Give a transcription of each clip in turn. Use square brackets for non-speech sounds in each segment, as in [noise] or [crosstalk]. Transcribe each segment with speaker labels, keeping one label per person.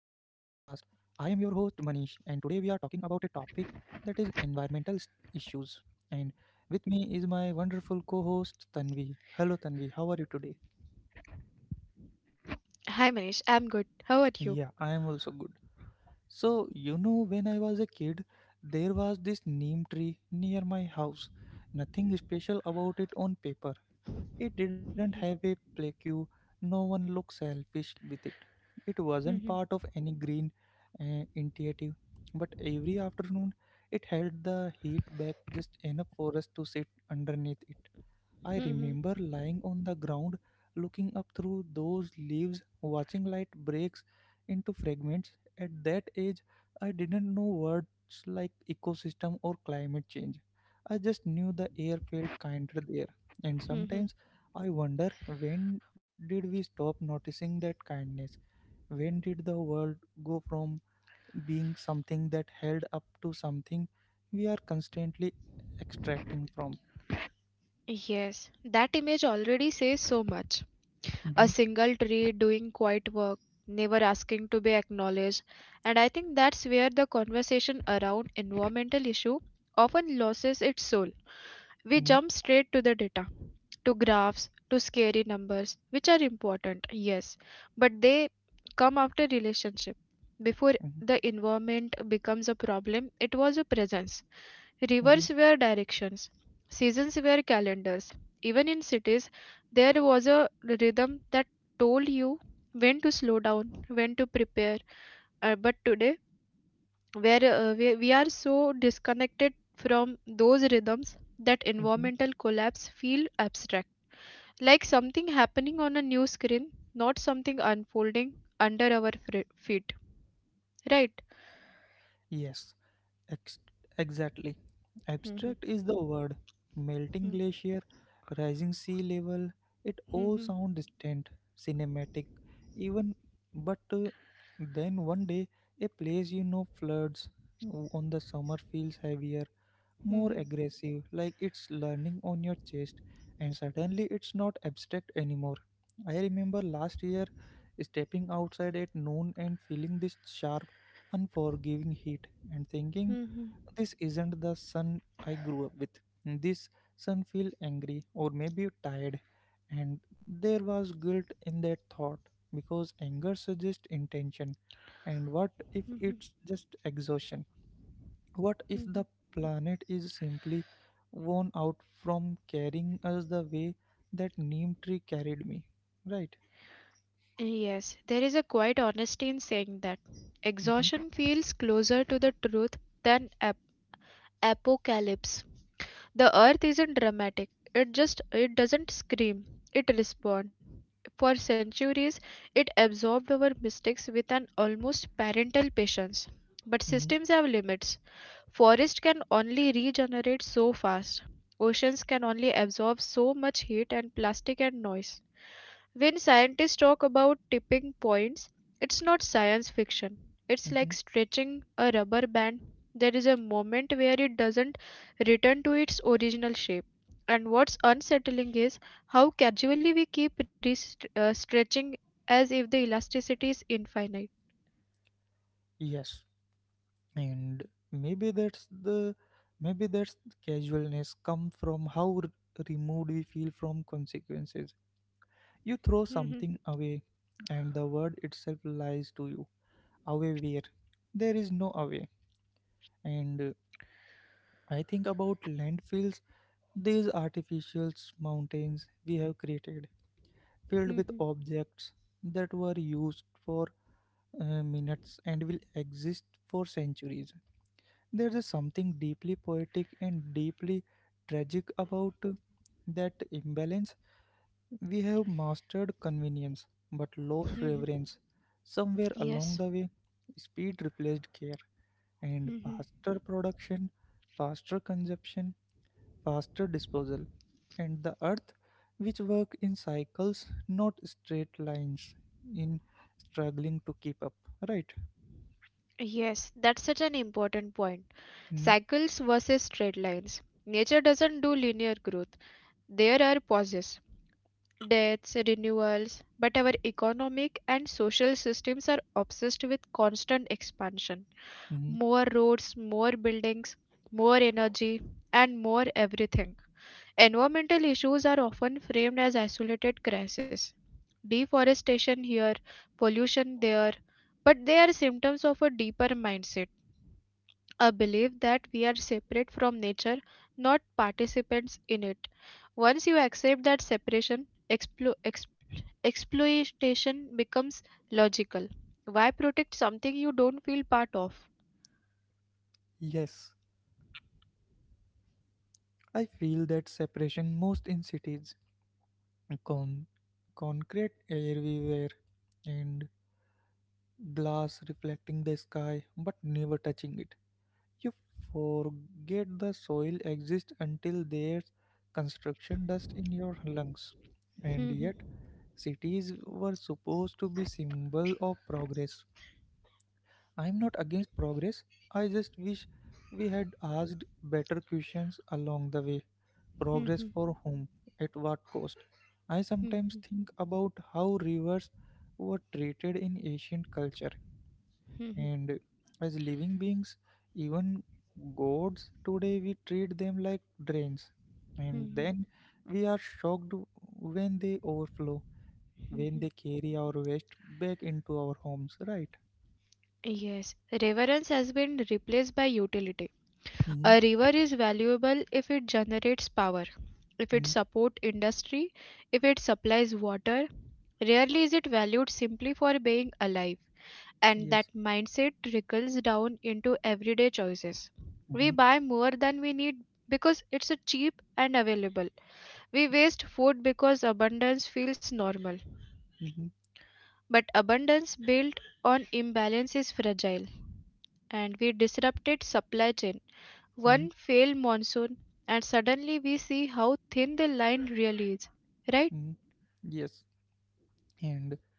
Speaker 1: and today we are talking about a topic that is issues. And with me is my wonderful co host, Tanvi. Hello, Tanvi, how are you today?
Speaker 2: Hi Manish, I'm good. How are you?
Speaker 1: Yeah, I am also good. So, when I was a kid, there was this neem tree near my house. Nothing special about it on paper. It
Speaker 2: Mhm,
Speaker 1: didn't have a plaque. No one looked selfish with it. It wasn't part
Speaker 2: mhm,
Speaker 1: of any green initiative. But every afternoon, it held the heat back just enough for us to sit underneath it. I
Speaker 2: mhm,
Speaker 1: remember lying on the ground, looking up through those leaves, watching light breaks into fragments. At that age, I didn't know words like ecosystem or climate change. I just knew the air felt kinder there. And
Speaker 2: mhm.
Speaker 1: sometimes I wonder, when did we stop noticing that kindness? When did the world go from being something that held up to something we are constantly extracting from?
Speaker 2: Yes, that image already says so much. A
Speaker 1: Mhm,
Speaker 2: single tree doing quiet work, never asking to be acknowledged. And I think that's where the conversation around environmental issue often loses its soul. We
Speaker 1: mhm,
Speaker 2: jump straight to the data, to graphs, to scary numbers, which are important, yes, but they come after relationship. Before
Speaker 1: mhm,
Speaker 2: the environment becomes a problem, it was a presence.
Speaker 1: mhm.
Speaker 2: Rivers were directions, seasons were calendars. Even in cities, there was a rhythm that told you when to slow down, when to prepare. But today, where we are so disconnected from those rhythms that
Speaker 1: Mhm.
Speaker 2: environmental collapse feel abstract, like something happening on a new screen, not something unfolding under our feet, right?
Speaker 1: Yes, ex- exactly.
Speaker 2: Mhm,
Speaker 1: Abstract is the word. Melting
Speaker 2: mhm,
Speaker 1: glacier, rising sea level, it all
Speaker 2: mhm,
Speaker 1: sound distant, cinematic, even. But then one day, a place you know floods. On the summer feels heavier, more
Speaker 2: mhm,
Speaker 1: aggressive, like it's learning on your chest, and suddenly it's not abstract anymore. I remember last year stepping outside at noon and feeling this sharp, unforgiving heat and thinking,
Speaker 2: mhm,
Speaker 1: this isn't the sun I grew up with. This sun feel angry or maybe tired, and there was guilt in that thought because anger suggests intention, and what
Speaker 2: mhm,
Speaker 1: if it's just exhaustion? What
Speaker 2: mhm.
Speaker 1: if the planet is simply worn out from carrying us the way that neem tree carried me? Right.
Speaker 2: Yes, there is a quiet honesty in saying that
Speaker 1: Hmm.
Speaker 2: exhaustion feels closer to the truth than apocalypse. The earth isn't dramatic. It just it doesn't scream. It responds. For centuries, it absorbed our mistakes with an almost parental patience. But
Speaker 1: Hmm.
Speaker 2: systems have limits. Forests can only regenerate so fast. Oceans can only absorb so much heat and plastic and noise. When scientists talk about tipping points, it's not science fiction. It's
Speaker 1: Hmm.
Speaker 2: like stretching a rubber band. There is a moment where it doesn't return to its original shape. And what's unsettling is how casually we keep stretching as if the elasticity is infinite.
Speaker 1: Yes, and maybe that's the maybe that's the casualness come from how removed we feel from consequences. You throw
Speaker 2: [laughs]
Speaker 1: something away, and the word itself lies to you. Away where? There is no away. And I think about landfills, these artificial mountains we have created, filled with objects that were used for minutes and will exist for centuries. There is something deeply poetic and deeply tragic about that imbalance. We have mastered convenience but lost reverence. Somewhere along the
Speaker 2: Yes.
Speaker 1: way, speed replaced care, and
Speaker 2: Mm-hmm.
Speaker 1: faster production, faster consumption, faster disposal. And the earth, which work in cycles, not straight lines, in struggling to keep up, right?
Speaker 2: Yes, that's such an important point.
Speaker 1: Mm.
Speaker 2: Cycles versus straight lines. Nature doesn't do linear growth. There are pauses, deaths, renewals, but our economic and social systems are obsessed with constant expansion.
Speaker 1: Mm.
Speaker 2: More roads, more buildings, more energy, and more everything. Environmental issues are often framed as isolated crises. Deforestation here, pollution there, but they are symptoms of a deeper mindset, a belief that we are separate from nature, not participants in it. Once you accept that separation, exploitation becomes logical. Why protect something you don't feel part of?
Speaker 1: Yes, I feel that separation most in cities. Con- Concrete everywhere and glass reflecting the sky but never touching it. You forget the soil exists until there's construction dust in your lungs. And yet,
Speaker 2: [laughs]
Speaker 1: cities were supposed to be symbol of progress. I'm not against progress. I just wish we had asked better questions along the way. Progress for whom? At what cost? I sometimes think about how rivers were treated in ancient culture and as living beings, even gods, today we treat them like drains. And then we are shocked when they overflow, when they carry our waste back into our homes, right?
Speaker 2: Yes, reverence has been replaced by utility. A
Speaker 1: Mm-hmm.
Speaker 2: river is valuable if it generates power, if it
Speaker 1: Mm.
Speaker 2: supports industry, if it supplies water. Rarely is it valued simply for being alive, and that
Speaker 1: Yes.
Speaker 2: mindset trickles down into everyday choices. We
Speaker 1: Mm-hmm.
Speaker 2: buy more than we need because it's a cheap and available. We waste food because abundance feels normal.
Speaker 1: Mm-hmm.
Speaker 2: But abundance built on imbalance is fragile, and we disrupted supply chain one
Speaker 1: Mm-hmm.
Speaker 2: failed monsoon, and suddenly we see how thin the line really is, right?
Speaker 1: Mm-hmm. Yes. And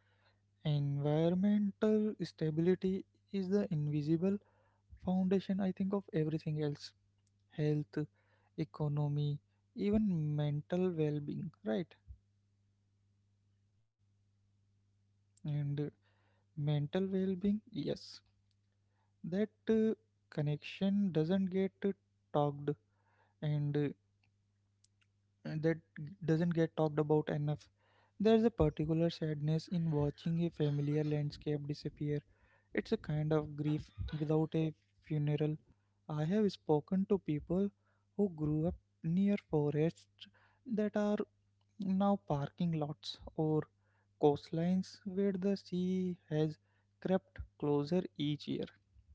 Speaker 1: environmental stability is the invisible foundation, I think, of everything else. Health, economy, even mental well being, right? And mental well being, yes, that connection doesn't get talked and that doesn't get talked about enough. There's a particular sadness in watching a familiar landscape disappear. It's a kind of grief without a funeral. I have spoken to people who grew up near forests that are now parking lots, or coastlines where the sea has crept closer each year.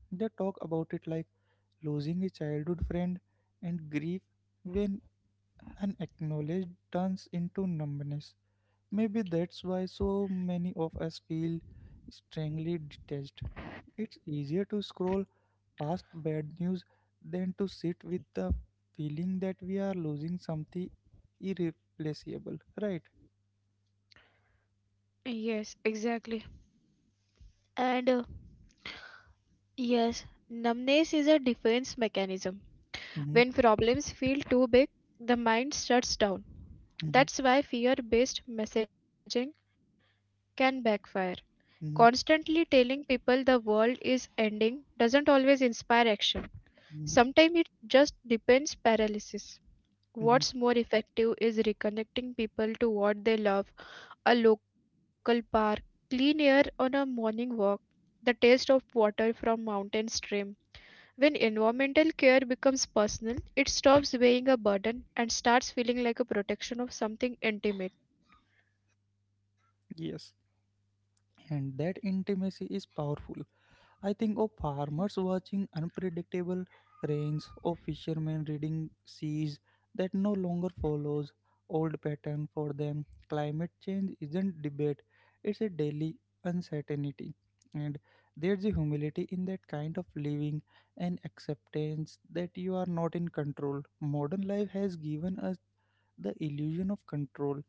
Speaker 1: They talk about it like losing a childhood friend, and grief when unacknowledged turns into numbness. Maybe that's why so many of us feel strangely detached. It's easier to scroll past bad news than to sit with the feeling that we are losing something irreplaceable, right?
Speaker 2: Yes, exactly. And yes, numbness is a defense mechanism.
Speaker 1: Mhm,
Speaker 2: When problems feel too big, the mind shuts down.
Speaker 1: mhm.
Speaker 2: That's why fear based messaging can backfire.
Speaker 1: Hmm.
Speaker 2: Constantly telling people the world is ending doesn't always inspire action.
Speaker 1: Hmm.
Speaker 2: Sometimes it just depends paralysis.
Speaker 1: Hmm.
Speaker 2: What's more effective is reconnecting people to what they love, a local park, clean air on a morning walk, the taste of water from mountain stream. When environmental care becomes personal, it stops weighing a burden and starts feeling like a protection of something intimate.
Speaker 1: Yes, and that intimacy is powerful. I think of farmers watching unpredictable rains, of fishermen reading seas that no longer follows old pattern for them. Climate change isn't debate; it's a daily uncertainty, and there's a humility in that kind of living and acceptance that you are not in control. Modern life has given us the illusion of control,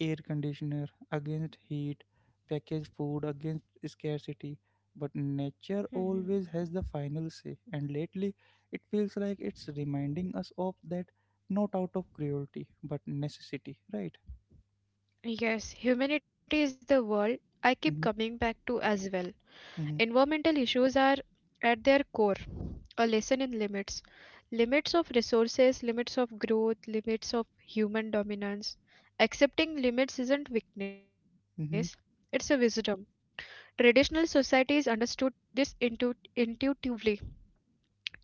Speaker 1: air conditioner against heat, packaged food against scarcity. But nature
Speaker 2: Mhm.
Speaker 1: always has the final say, and lately it feels like it's reminding us of that, not out of cruelty but necessity, right?
Speaker 2: Yes, humanity is the word I keep
Speaker 1: Hmm.
Speaker 2: coming back to as well.
Speaker 1: Hmm.
Speaker 2: Environmental issues are at their core a lesson in limits, limits of resources, limits of growth, limits of human dominance. Accepting limits isn't weakness,
Speaker 1: Hmm.
Speaker 2: it's a wisdom. Traditional societies understood this intuitively.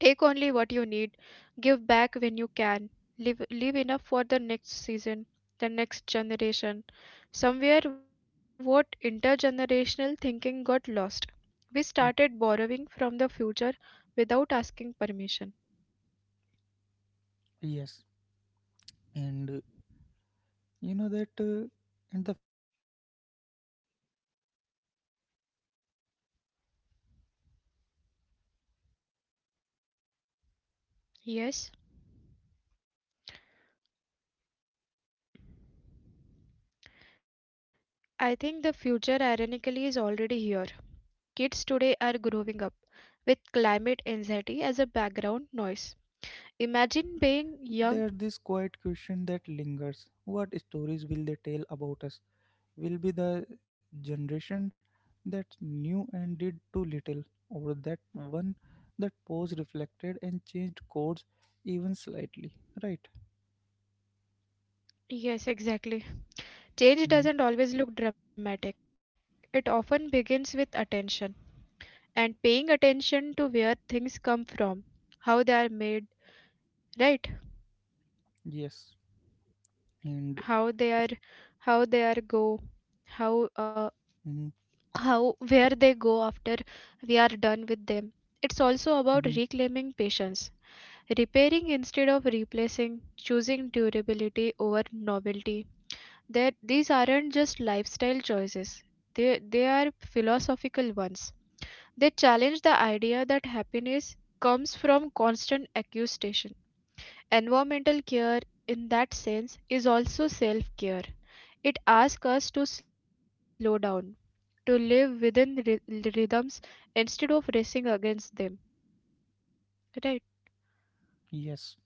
Speaker 2: Take only what you need, give back when you can, live enough for the next season, the next generation. Somewhere, what intergenerational thinking got lost. We started borrowing from the future without asking permission.
Speaker 1: Yes, and you know that and the future ironically is already here. Kids today are growing up with climate anxiety as a background noise. Imagine being
Speaker 2: Yes,
Speaker 1: young and feeling like the world you are inheriting is damaged beyond repair.
Speaker 2: I think
Speaker 1: That's
Speaker 2: the
Speaker 1: the
Speaker 2: future
Speaker 1: heavy thing to
Speaker 2: ironically is
Speaker 1: carry.
Speaker 2: already here.
Speaker 1: Sometimes I
Speaker 2: Kids
Speaker 1: feel
Speaker 2: today are
Speaker 1: responsible,
Speaker 2: growing up with
Speaker 1: even if
Speaker 2: climate
Speaker 1: I
Speaker 2: anxiety as a
Speaker 1: know
Speaker 2: background noise.
Speaker 1: responsibility is collective.
Speaker 2: Imagine being
Speaker 1: There's this
Speaker 2: young.
Speaker 1: quiet question that lingers, what stories will they tell about us? Will be the generation that knew and did too little, or that one that paused, reflected, and changed course even slightly. Right?
Speaker 2: Yes, exactly. Change doesn't
Speaker 1: Mhm.
Speaker 2: always look dramatic. It often begins with attention and paying attention to where things come from, how they are made, right?
Speaker 1: Yes. And
Speaker 2: How they are, how they are go,
Speaker 1: mhm,
Speaker 2: how uh, how where they go after we are done with them. It's
Speaker 1: mhm,
Speaker 2: also about reclaiming patience, repairing instead of replacing, choosing durability over novelty. That these aren't just lifestyle choices. They they are philosophical ones. They challenge the idea that happiness comes from constant accusation. Environmental care, in that sense, is also self care. It asks us to slow down, to live within rhythms instead of racing against them. Right?
Speaker 1: yes.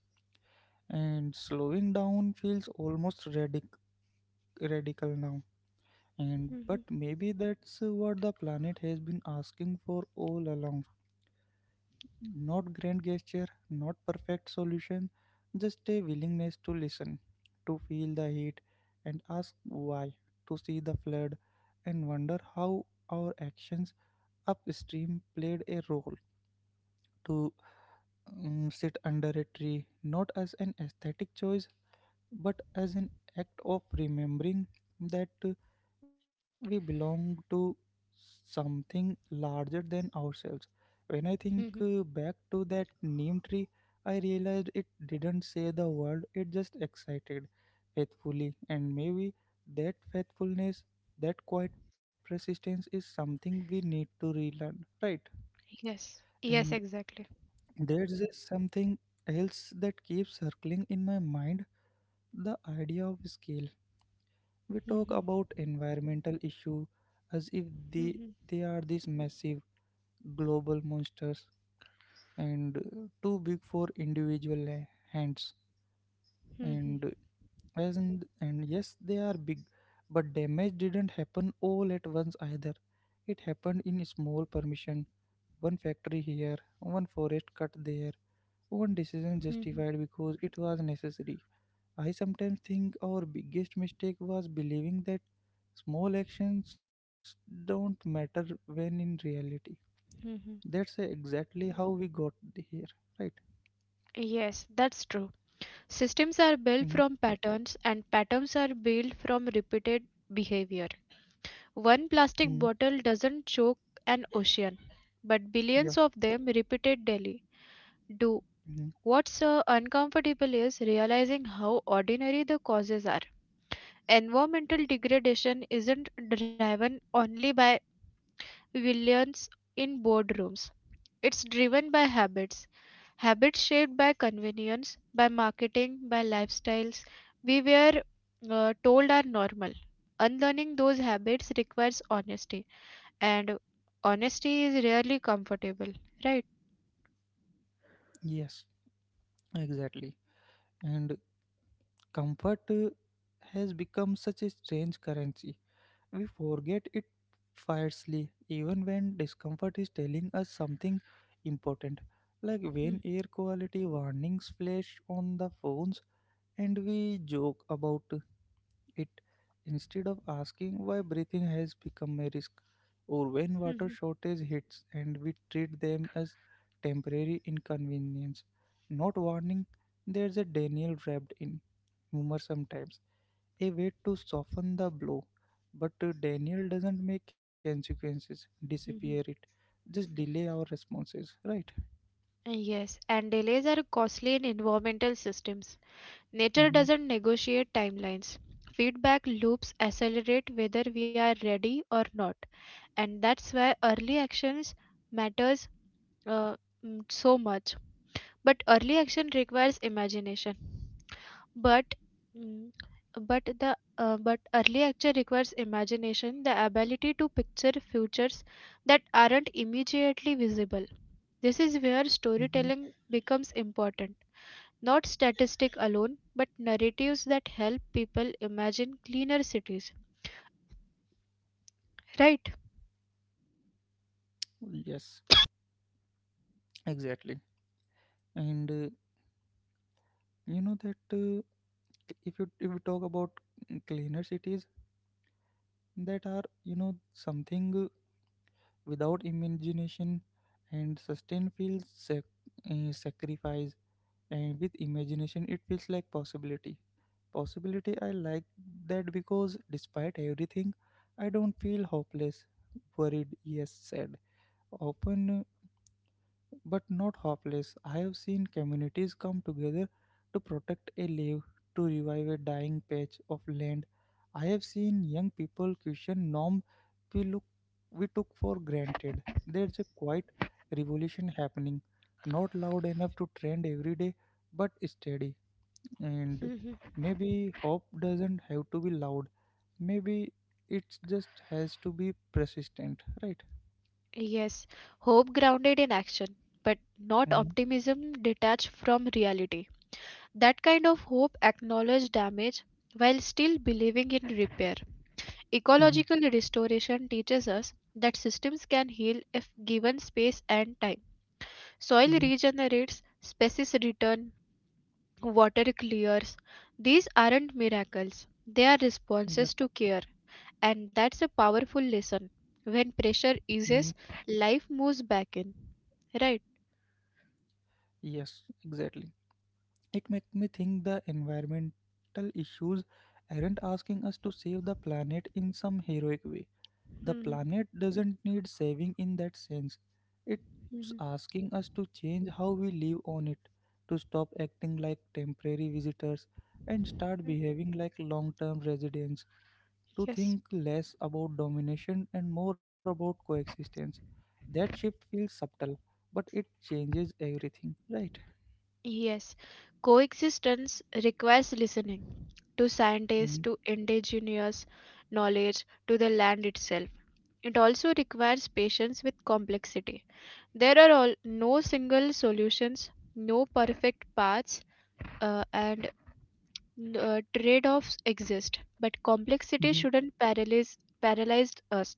Speaker 1: And slowing down feels almost radical now. And but maybe
Speaker 2: hmm
Speaker 1: that's what the planet has been asking for all along. Not grand gesture, not perfect solution, just a willingness to listen, to feel the heat and ask why, to see the flood and wonder how our actions upstream played a role, to sit under a tree, not as an aesthetic choice but as an act of remembering that we belong to something larger than ourselves. When I think
Speaker 2: hmm
Speaker 1: back to that neem tree, I realized it didn't say the word, it just excited faithfully. And maybe that faithfulness, that quiet persistence is something we need to relearn, right?
Speaker 2: Yes.
Speaker 1: And
Speaker 2: Yes, exactly.
Speaker 1: there's something else that keeps circling in my mind, the idea of scale. We talk
Speaker 2: hmm
Speaker 1: about environmental issue as if they,
Speaker 2: hmm
Speaker 1: they are these massive global monsters and too big for individual hands.
Speaker 2: hmm
Speaker 1: And as in, and yes, they are big, but damage didn't happen all at once either. It happened in small permission, one factory here, one forest cut there, one decision
Speaker 2: hmm
Speaker 1: justified because it was necessary. I sometimes think our biggest mistake was believing that small actions don't matter when in reality. That's
Speaker 2: hmm
Speaker 1: exactly how we got here, right?
Speaker 2: Yes, that's true. Systems are
Speaker 1: Hmm.
Speaker 2: built from patterns, and patterns are built from repeated behavior. One
Speaker 1: Hmm.
Speaker 2: plastic bottle doesn't choke an ocean, but
Speaker 1: Yeah.
Speaker 2: billions of them repeated daily do.
Speaker 1: Hmm.
Speaker 2: What's uncomfortable is realizing how ordinary the causes are. Environmental degradation isn't driven only by villains in boardrooms. It's driven by habits. Habits shaped by convenience, by marketing, by lifestyles we were told are normal. Unlearning those habits requires honesty and honesty is rarely comfortable, right?
Speaker 1: Yes, exactly. And comfort has become such a strange currency. We forget it fiercely, even when discomfort is telling us something important. Like when
Speaker 2: Hmm,
Speaker 1: air quality warnings flash on the phones and we joke about it instead of asking why breathing has become a risk, or
Speaker 2: hmm,
Speaker 1: when
Speaker 2: hmm,
Speaker 1: water shortage hits and we treat them as temporary inconvenience, not warning. There's a Daniel wrapped in humor sometimes, a way to soften the blow. But Daniel doesn't make consequences disappear,
Speaker 2: hmm, hmm.
Speaker 1: it just delay our responses, right?
Speaker 2: Yes, and delays are costly in environmental systems. Nature
Speaker 1: Mm-hmm.
Speaker 2: doesn't negotiate timelines. Feedback loops accelerate whether we are ready or not, and that's why early actions matters uh, so much. But early action requires imagination. But mm, but early action requires imagination, the ability to picture futures that aren't immediately visible. This is where
Speaker 1: Mm-hmm.
Speaker 2: storytelling becomes important. Not statistic alone, but narratives that help people imagine cleaner cities. Right?
Speaker 1: Yes, exactly. And you know that if you if we talk about cleaner cities that are you know something without imagination and sustain feels sacrifice, and with imagination it feels like possibility. Possibility, I like that, because despite everything I don't feel hopeless. Worried yes, sad often, but not hopeless. I have seen communities come together to protect a leaf, to revive a dying patch of land. I have seen young people question norms we took for granted. There's a quiet revolution happening, not loud enough to trend every day, but steady. And
Speaker 2: Mhm.
Speaker 1: maybe hope doesn't have to be loud. Maybe it just has to be persistent, right?
Speaker 2: Yes. Hope grounded in action, but not
Speaker 1: Mm-hmm.
Speaker 2: optimism detached from reality. That kind of hope acknowledges damage while still believing in repair.
Speaker 1: Mm-hmm.
Speaker 2: Ecological restoration teaches us that systems can heal if given space and time. Soil
Speaker 1: Mm-hmm.
Speaker 2: regenerates, species return, water clears. These aren't miracles, they are responses
Speaker 1: Yep.
Speaker 2: to care. And that's a powerful lesson. When pressure
Speaker 1: Mm.
Speaker 2: eases, life moves back in. Right?
Speaker 1: Yes, exactly. It makes me think the environmental issues aren't asking us to save the planet in some heroic way. The
Speaker 2: Mhm.
Speaker 1: planet doesn't need saving in that sense. It's
Speaker 2: mhm.
Speaker 1: asking us to change how we live on it, to stop acting like temporary visitors and start behaving like long term residents, to
Speaker 2: Yes.
Speaker 1: think less about domination and more about coexistence. That shift feels subtle, but it changes everything, right?
Speaker 2: Yes. Coexistence requires listening to scientists,
Speaker 1: Mhm.
Speaker 2: to indigenous knowledge, to the land itself. It also requires patience with complexity. There are all, no single solutions, no perfect paths, and trade-offs exist. But complexity shouldn't
Speaker 1: Mhm.
Speaker 2: paralyze us.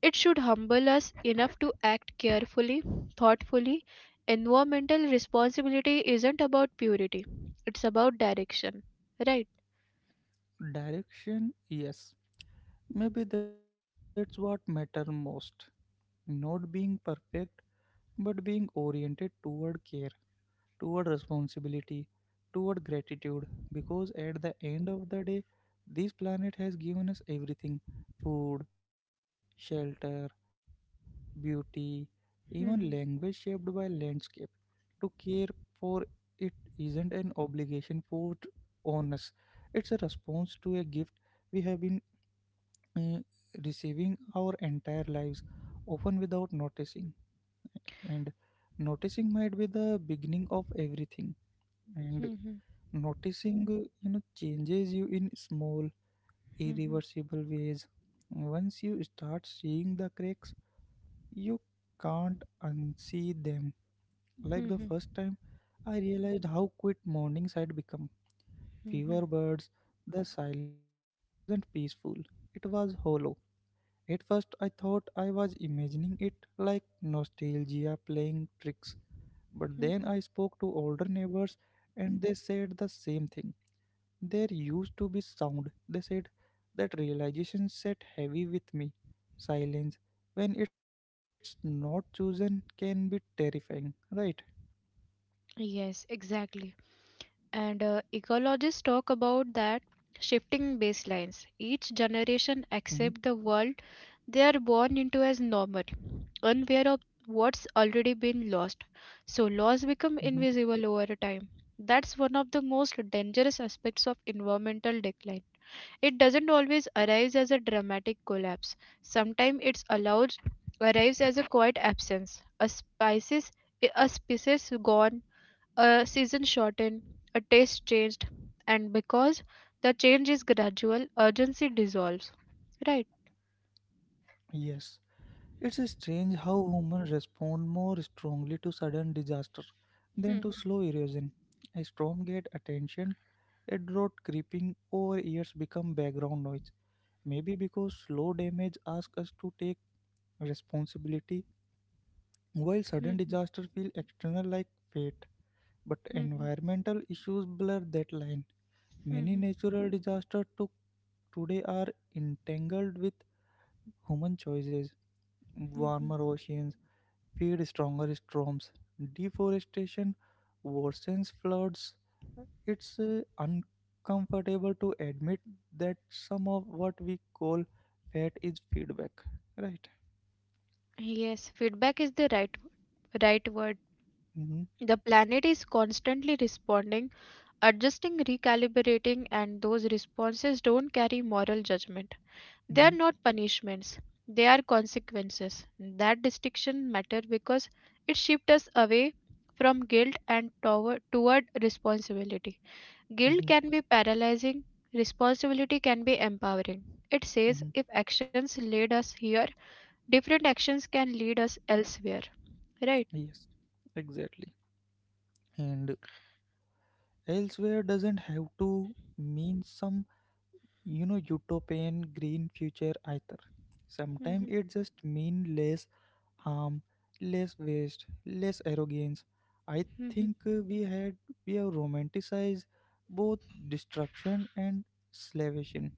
Speaker 2: It should humble us enough to act carefully, thoughtfully. Environmental responsibility isn't about purity; it's about direction, right?
Speaker 1: Direction, yes. Maybe that's what matters most. Not being perfect, but being oriented toward care, toward responsibility, toward gratitude. Because at the end of the day, this planet has given us everything, food, shelter, beauty, even
Speaker 2: Mhm,
Speaker 1: language shaped by landscape. To care for it isn't an obligation put on us, it's a response to a gift we have been uh, receiving our entire lives, often without noticing. And noticing might be the beginning of everything. And
Speaker 2: mhm,
Speaker 1: noticing, changes you in small,
Speaker 2: mhm,
Speaker 1: irreversible ways. Once you start seeing the cracks, you can't unsee them. Like the first
Speaker 2: mhm,
Speaker 1: time, I realized how quiet mornings had become.
Speaker 2: mhm,
Speaker 1: Fewer birds, the silence wasn't peaceful, it was hollow. At first, I thought I was imagining it, like nostalgia playing tricks, but then I spoke
Speaker 2: mhm.
Speaker 1: to older neighbors and they said the same thing. There used to be sound, they said. That realization sat heavy with me. Silence, when it's not chosen, can be terrifying, right?
Speaker 2: Yes, exactly. And ecologists talk about that shifting baselines. Each generation
Speaker 1: Hmm.
Speaker 2: accepts the world they are born into as normal, unaware of what's already been lost. So laws become
Speaker 1: Hmm.
Speaker 2: invisible over time. That's one of the most dangerous aspects of environmental decline. It doesn't always arrive as a dramatic collapse. Sometimes it's allows arrives as a quiet absence, a species gone, a season shortened, a taste changed, and because the change is gradual, urgency dissolves. Right.
Speaker 1: Yes. It's strange how women respond more strongly to sudden disaster than
Speaker 2: Hmm.
Speaker 1: to slow erosion. A storm gets attention, a drought creeping over years become background noise. Maybe because slow damage asks us to take responsibility, while
Speaker 2: hmm,
Speaker 1: sudden
Speaker 2: hmm,
Speaker 1: disaster feel external like fate. But
Speaker 2: hmm,
Speaker 1: environmental issues blur that line.
Speaker 2: hmm,
Speaker 1: Many
Speaker 2: hmm,
Speaker 1: natural disasters took today are entangled with human choices
Speaker 2: hmm, hmm.
Speaker 1: warmer oceans feed stronger storms. Deforestation worsens floods. It's uncomfortable to admit that some of what we call fat is feedback, right?
Speaker 2: Yes, feedback is the right word.
Speaker 1: Hmm.
Speaker 2: The planet is constantly responding, adjusting, recalibrating, and those responses don't carry moral judgment. They are
Speaker 1: Hmm.
Speaker 2: not punishments, they are consequences. That distinction matters because it shifts us away from guilt and toward responsibility. Guilt
Speaker 1: Hmm.
Speaker 2: can be paralyzing, responsibility can be empowering. It says
Speaker 1: Hmm.
Speaker 2: if actions lead us here, different actions can lead us elsewhere. Right?
Speaker 1: Yes, exactly. And elsewhere doesn't have to mean some utopian green future either. Sometimes
Speaker 2: Mhm,
Speaker 1: it just means less harm, less waste, less arrogance. I
Speaker 2: mhm,
Speaker 1: think we have romanticized both destruction and salvation.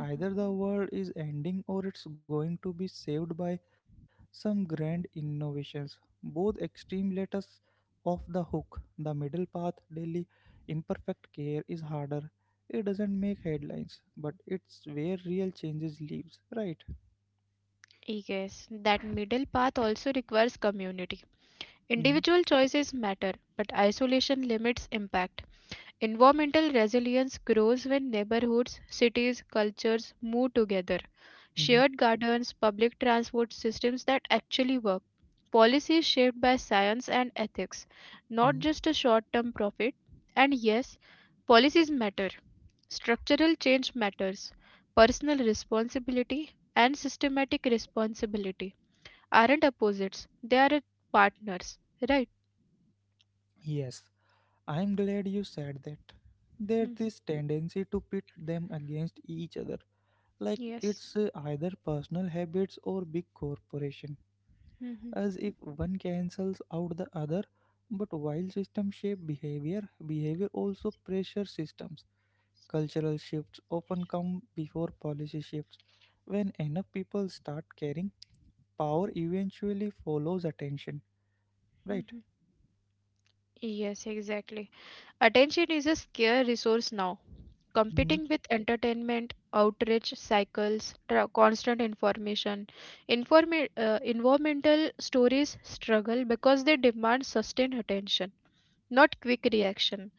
Speaker 1: Either the world is ending or it's going to be saved by some grand innovations. Both extreme let us off the hook. The middle path, daily imperfect care, is harder. It doesn't make headlines, but it's where real changes lives, right?
Speaker 2: Yes, that middle path also requires community. Individual
Speaker 1: Mm-hmm.
Speaker 2: choices matter, but isolation limits impact. Environmental resilience grows when neighborhoods, cities, cultures move together. Shared
Speaker 1: Mm-hmm.
Speaker 2: gardens, public transport systems that actually work. Policies shaped by science and ethics, not
Speaker 1: Mm-hmm.
Speaker 2: just a short term profit. And yes, policies matter. Structural change matters. Personal responsibility and systematic responsibility aren't opposites, they are partners, right?
Speaker 1: Yes, I'm glad you said that. There's
Speaker 2: Mhm.
Speaker 1: this tendency to pit them against each other, like
Speaker 2: Yes.
Speaker 1: it's either personal habits or big corporation,
Speaker 2: Mhm.
Speaker 1: as if one cancels out the other. But while systems shape behavior, behavior also pressure systems. Cultural shifts often come before policy shifts. When enough people start caring, power eventually follows attention, right?
Speaker 2: Mhm. Yes, exactly. Attention is a scarce resource now,
Speaker 1: Mhm.
Speaker 2: competing with entertainment, outrage cycles, constant information. Environmental stories struggle because they demand sustained attention, not quick reaction.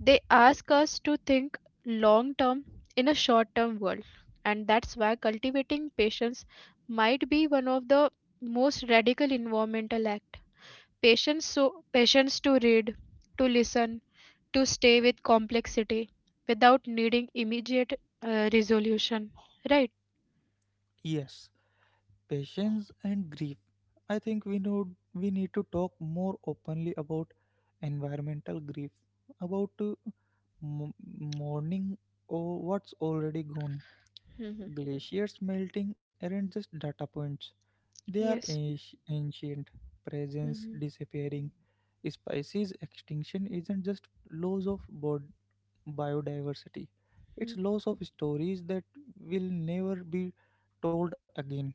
Speaker 2: They ask us to think long term in a short term world, and that's why cultivating patience might be one of the most radical environmental Patience, so, patience to read, to listen, to stay with complexity without needing immediate resolution. Right?
Speaker 1: Yes, patience and grief. I think we know we need to talk more openly about environmental grief, about m- mourning or what's already gone.
Speaker 2: Mhm.
Speaker 1: Glaciers melting aren't just data points; they are
Speaker 2: Yes.
Speaker 1: ancient presence
Speaker 2: Mhm.
Speaker 1: disappearing. Species extinction isn't just loss of biodiversity. It's
Speaker 2: Mm.
Speaker 1: loss of stories that will never be told again.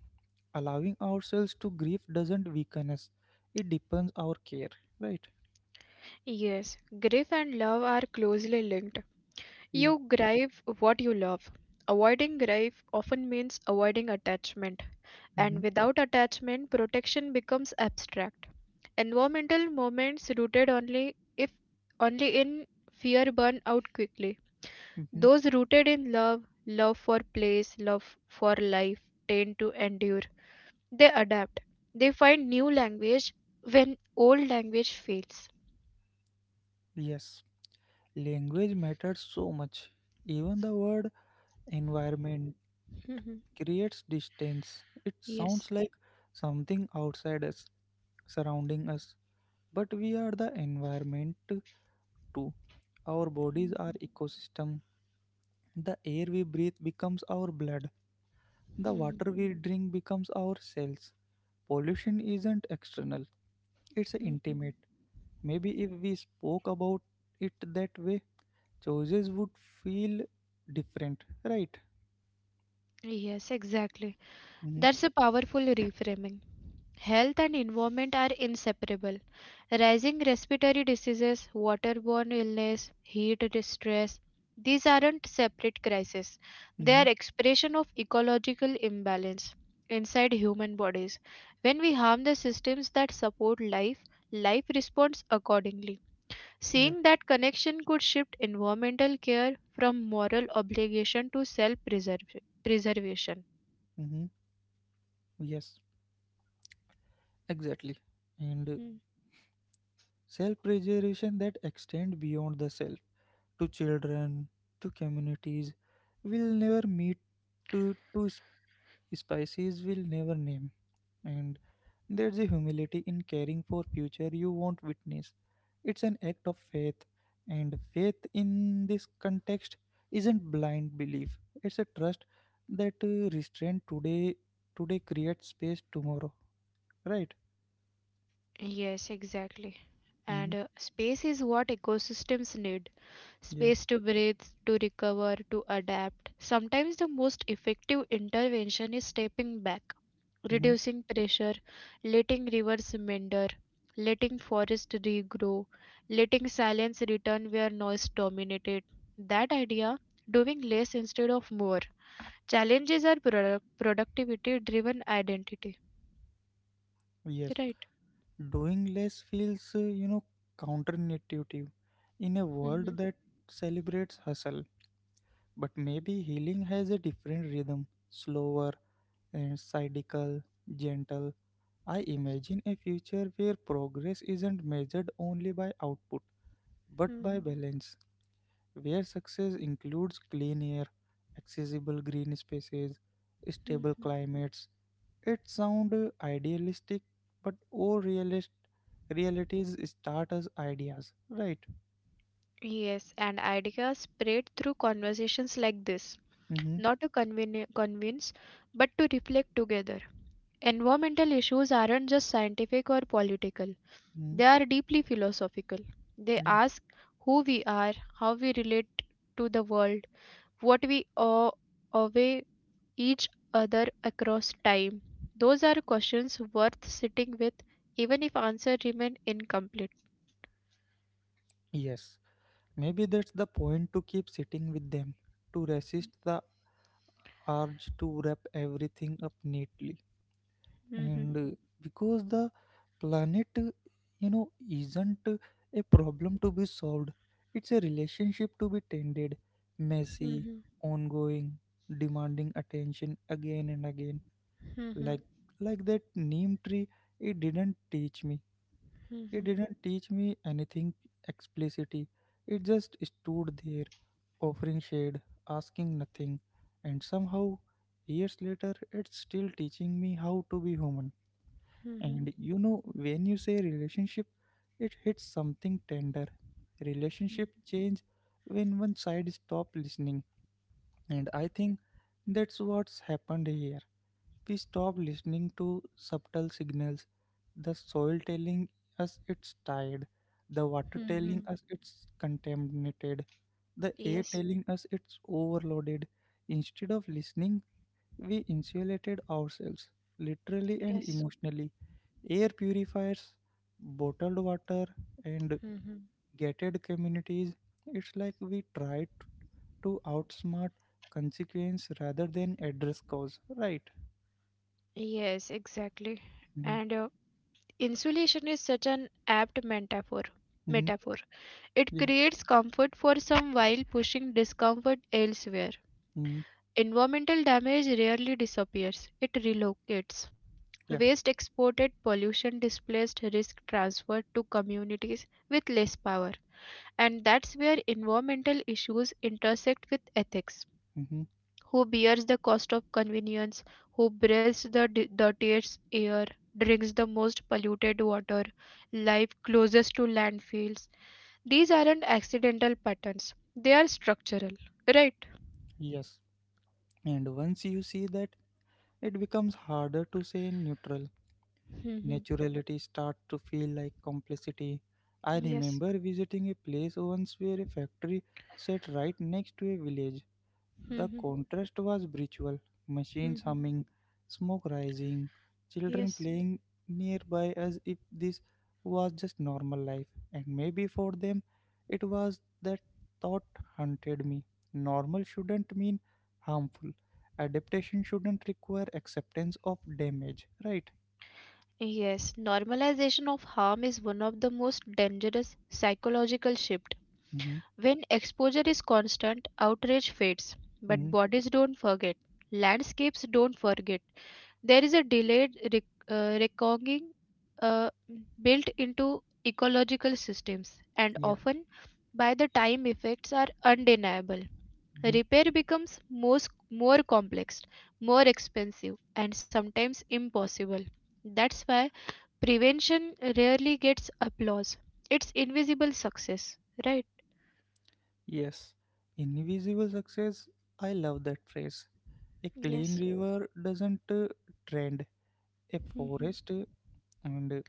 Speaker 1: Allowing ourselves to grieve doesn't weaken us, it deepens our care, right?
Speaker 2: Yes, grief and love are closely linked.
Speaker 1: Yeah.
Speaker 2: You grieve what you love. Avoiding grief often means avoiding attachment, and
Speaker 1: Hmm.
Speaker 2: without attachment, protection becomes abstract. Environmental moments rooted only if only in fear burn out quickly.
Speaker 1: Hmm.
Speaker 2: Those rooted in love, love for place, love for life, tend to endure. They adapt. They find new language when old language fails.
Speaker 1: Yes. Language matters so much. Even the word environment
Speaker 2: Mhm.
Speaker 1: creates distance. It
Speaker 2: Yes.
Speaker 1: sounds like something outside us, surrounding us, but we are the environment too. Our bodies are ecosystem. The air we breathe becomes our blood. The
Speaker 2: Mhm.
Speaker 1: water we drink becomes our cells. Pollution isn't external, it's
Speaker 2: Mhm.
Speaker 1: intimate. Maybe if we spoke about it that way, choices would feel different, right?
Speaker 2: Yes, exactly.
Speaker 1: Mm-hmm.
Speaker 2: That's a powerful reframing. Health and environment are inseparable. Rising respiratory diseases, waterborne illness, heat stress, these aren't separate crises. They
Speaker 1: Mm-hmm.
Speaker 2: are expression of ecological imbalance inside human bodies. When we harm the systems that support life, life responds accordingly.
Speaker 1: Yeah.
Speaker 2: Seeing that connection could shift environmental care from moral obligation to self preservation.
Speaker 1: Mm-hmm. Yes, exactly. And
Speaker 2: Hmm.
Speaker 1: self preservation that extend beyond the self to children, to communities, will never meet to species will never name. And there's a humility in caring for future you won't witness. It's an act of faith, and faith in this context isn't blind belief, it's a trust that restraint today creates space tomorrow, right?
Speaker 2: Yes, exactly.
Speaker 1: Hmm.
Speaker 2: And space is what ecosystems need,
Speaker 1: Yeah.
Speaker 2: space to breathe, to recover, to adapt. Sometimes the most effective intervention is stepping back,
Speaker 1: Hmm.
Speaker 2: reducing pressure, letting rivers meander, letting forests regrow, letting silence return where noise dominated. That idea, doing less instead of more, challenges our productivity driven identity.
Speaker 1: Yes,
Speaker 2: Right.
Speaker 1: doing less feels counterintuitive in a world
Speaker 2: hmm
Speaker 1: that celebrates hustle. But maybe healing has a different rhythm, slower and cynical, gentle. I imagine a future where progress isn't measured only by output but by
Speaker 2: hmm
Speaker 1: balance, where success includes clean air, accessible green spaces, stable climates. It sounds idealistic, but all realist realities start as ideas, right?
Speaker 2: Yes, and ideas spread through conversations like this,
Speaker 1: Mm-hmm.
Speaker 2: not to conveni convince, but to reflect together. Environmental issues aren't just scientific or political,
Speaker 1: Hmm.
Speaker 2: they are deeply philosophical. They
Speaker 1: Yeah.
Speaker 2: ask who we are, how we relate to the world, what we owe, owe each other across time. Those are questions worth sitting with, even if answers remain incomplete.
Speaker 1: Yes. Maybe that's the point, to keep sitting with them, to resist the urge to wrap everything up neatly,
Speaker 2: Mhm,
Speaker 1: and because the planet isn't a problem to be solved, it's a relationship to be tended, messy,
Speaker 2: mhm,
Speaker 1: ongoing, demanding attention again and again,
Speaker 2: mhm,
Speaker 1: like like that neem tree. it didn't teach me
Speaker 2: mhm,
Speaker 1: it
Speaker 2: mhm,
Speaker 1: didn't teach me anything explicitly. It just stood there, offering shade, asking nothing, and somehow, years later, it's still teaching me how to be human.
Speaker 2: mhm,
Speaker 1: And when you say relationship, it hits something tender. Relationship change when one side stop listening, and I think that's what's happened here. We stop listening to subtle signals. The soil telling us it's tired, the water telling
Speaker 2: mhm.
Speaker 1: us it's contaminated, the air
Speaker 2: Yes.
Speaker 1: telling us it's overloaded. Instead of listening, we insulated ourselves, literally and
Speaker 2: Yes.
Speaker 1: emotionally. Air purifiers, bottled water, and
Speaker 2: Hmm.
Speaker 1: gated communities. It's like we tried to outsmart consequence rather than address cause, right?
Speaker 2: Yes, exactly.
Speaker 1: Mm-hmm.
Speaker 2: And insulation is such an apt metaphor.
Speaker 1: Hmm.
Speaker 2: Metaphor. It
Speaker 1: Yeah.
Speaker 2: creates comfort for some while pushing discomfort elsewhere.
Speaker 1: Hmm.
Speaker 2: Environmental damage rarely disappears. It relocates.
Speaker 1: Yeah.
Speaker 2: Waste exported, pollution displaced, risk transferred to communities with less power. And that's where environmental issues intersect with ethics.
Speaker 1: Hmm.
Speaker 2: Who bears the cost of convenience, who breathes the dirtiest air, drinks the most polluted water, live closest to landfills. These aren't accidental patterns, they are structural, right?
Speaker 1: Yes. And once you see that, it becomes harder to say neutral.
Speaker 2: Mhm.
Speaker 1: Naturality starts to feel like complicity. I
Speaker 2: Yes.
Speaker 1: remember visiting a place once where a factory sat right next to a village. The
Speaker 2: Mhm.
Speaker 1: contrast was brutal, machines
Speaker 2: Mhm.
Speaker 1: humming, smoke rising, children
Speaker 2: Yes.
Speaker 1: playing nearby as if this was just normal life. And maybe for them, it was. That thought haunted me. Normal shouldn't mean harmful. Adaptation shouldn't require acceptance of damage, right?
Speaker 2: Yes, normalization of harm is one of the most dangerous psychological shifts.
Speaker 1: Hmm.
Speaker 2: When exposure is constant, outrage fades, but
Speaker 1: Hmm.
Speaker 2: bodies don't forget, landscapes don't forget. There is a delayed reckoning uh, built into ecological systems, and
Speaker 1: Yeah.
Speaker 2: often by the time effects are undeniable.
Speaker 1: Hmm.
Speaker 2: Repair becomes more complex, more expensive, and sometimes impossible. That's why prevention rarely gets applause. It's invisible success, right?
Speaker 1: Yes. Invisible success, I love that phrase. A clean
Speaker 2: Yes.
Speaker 1: river doesn't trend, a
Speaker 2: Mhm,
Speaker 1: forest and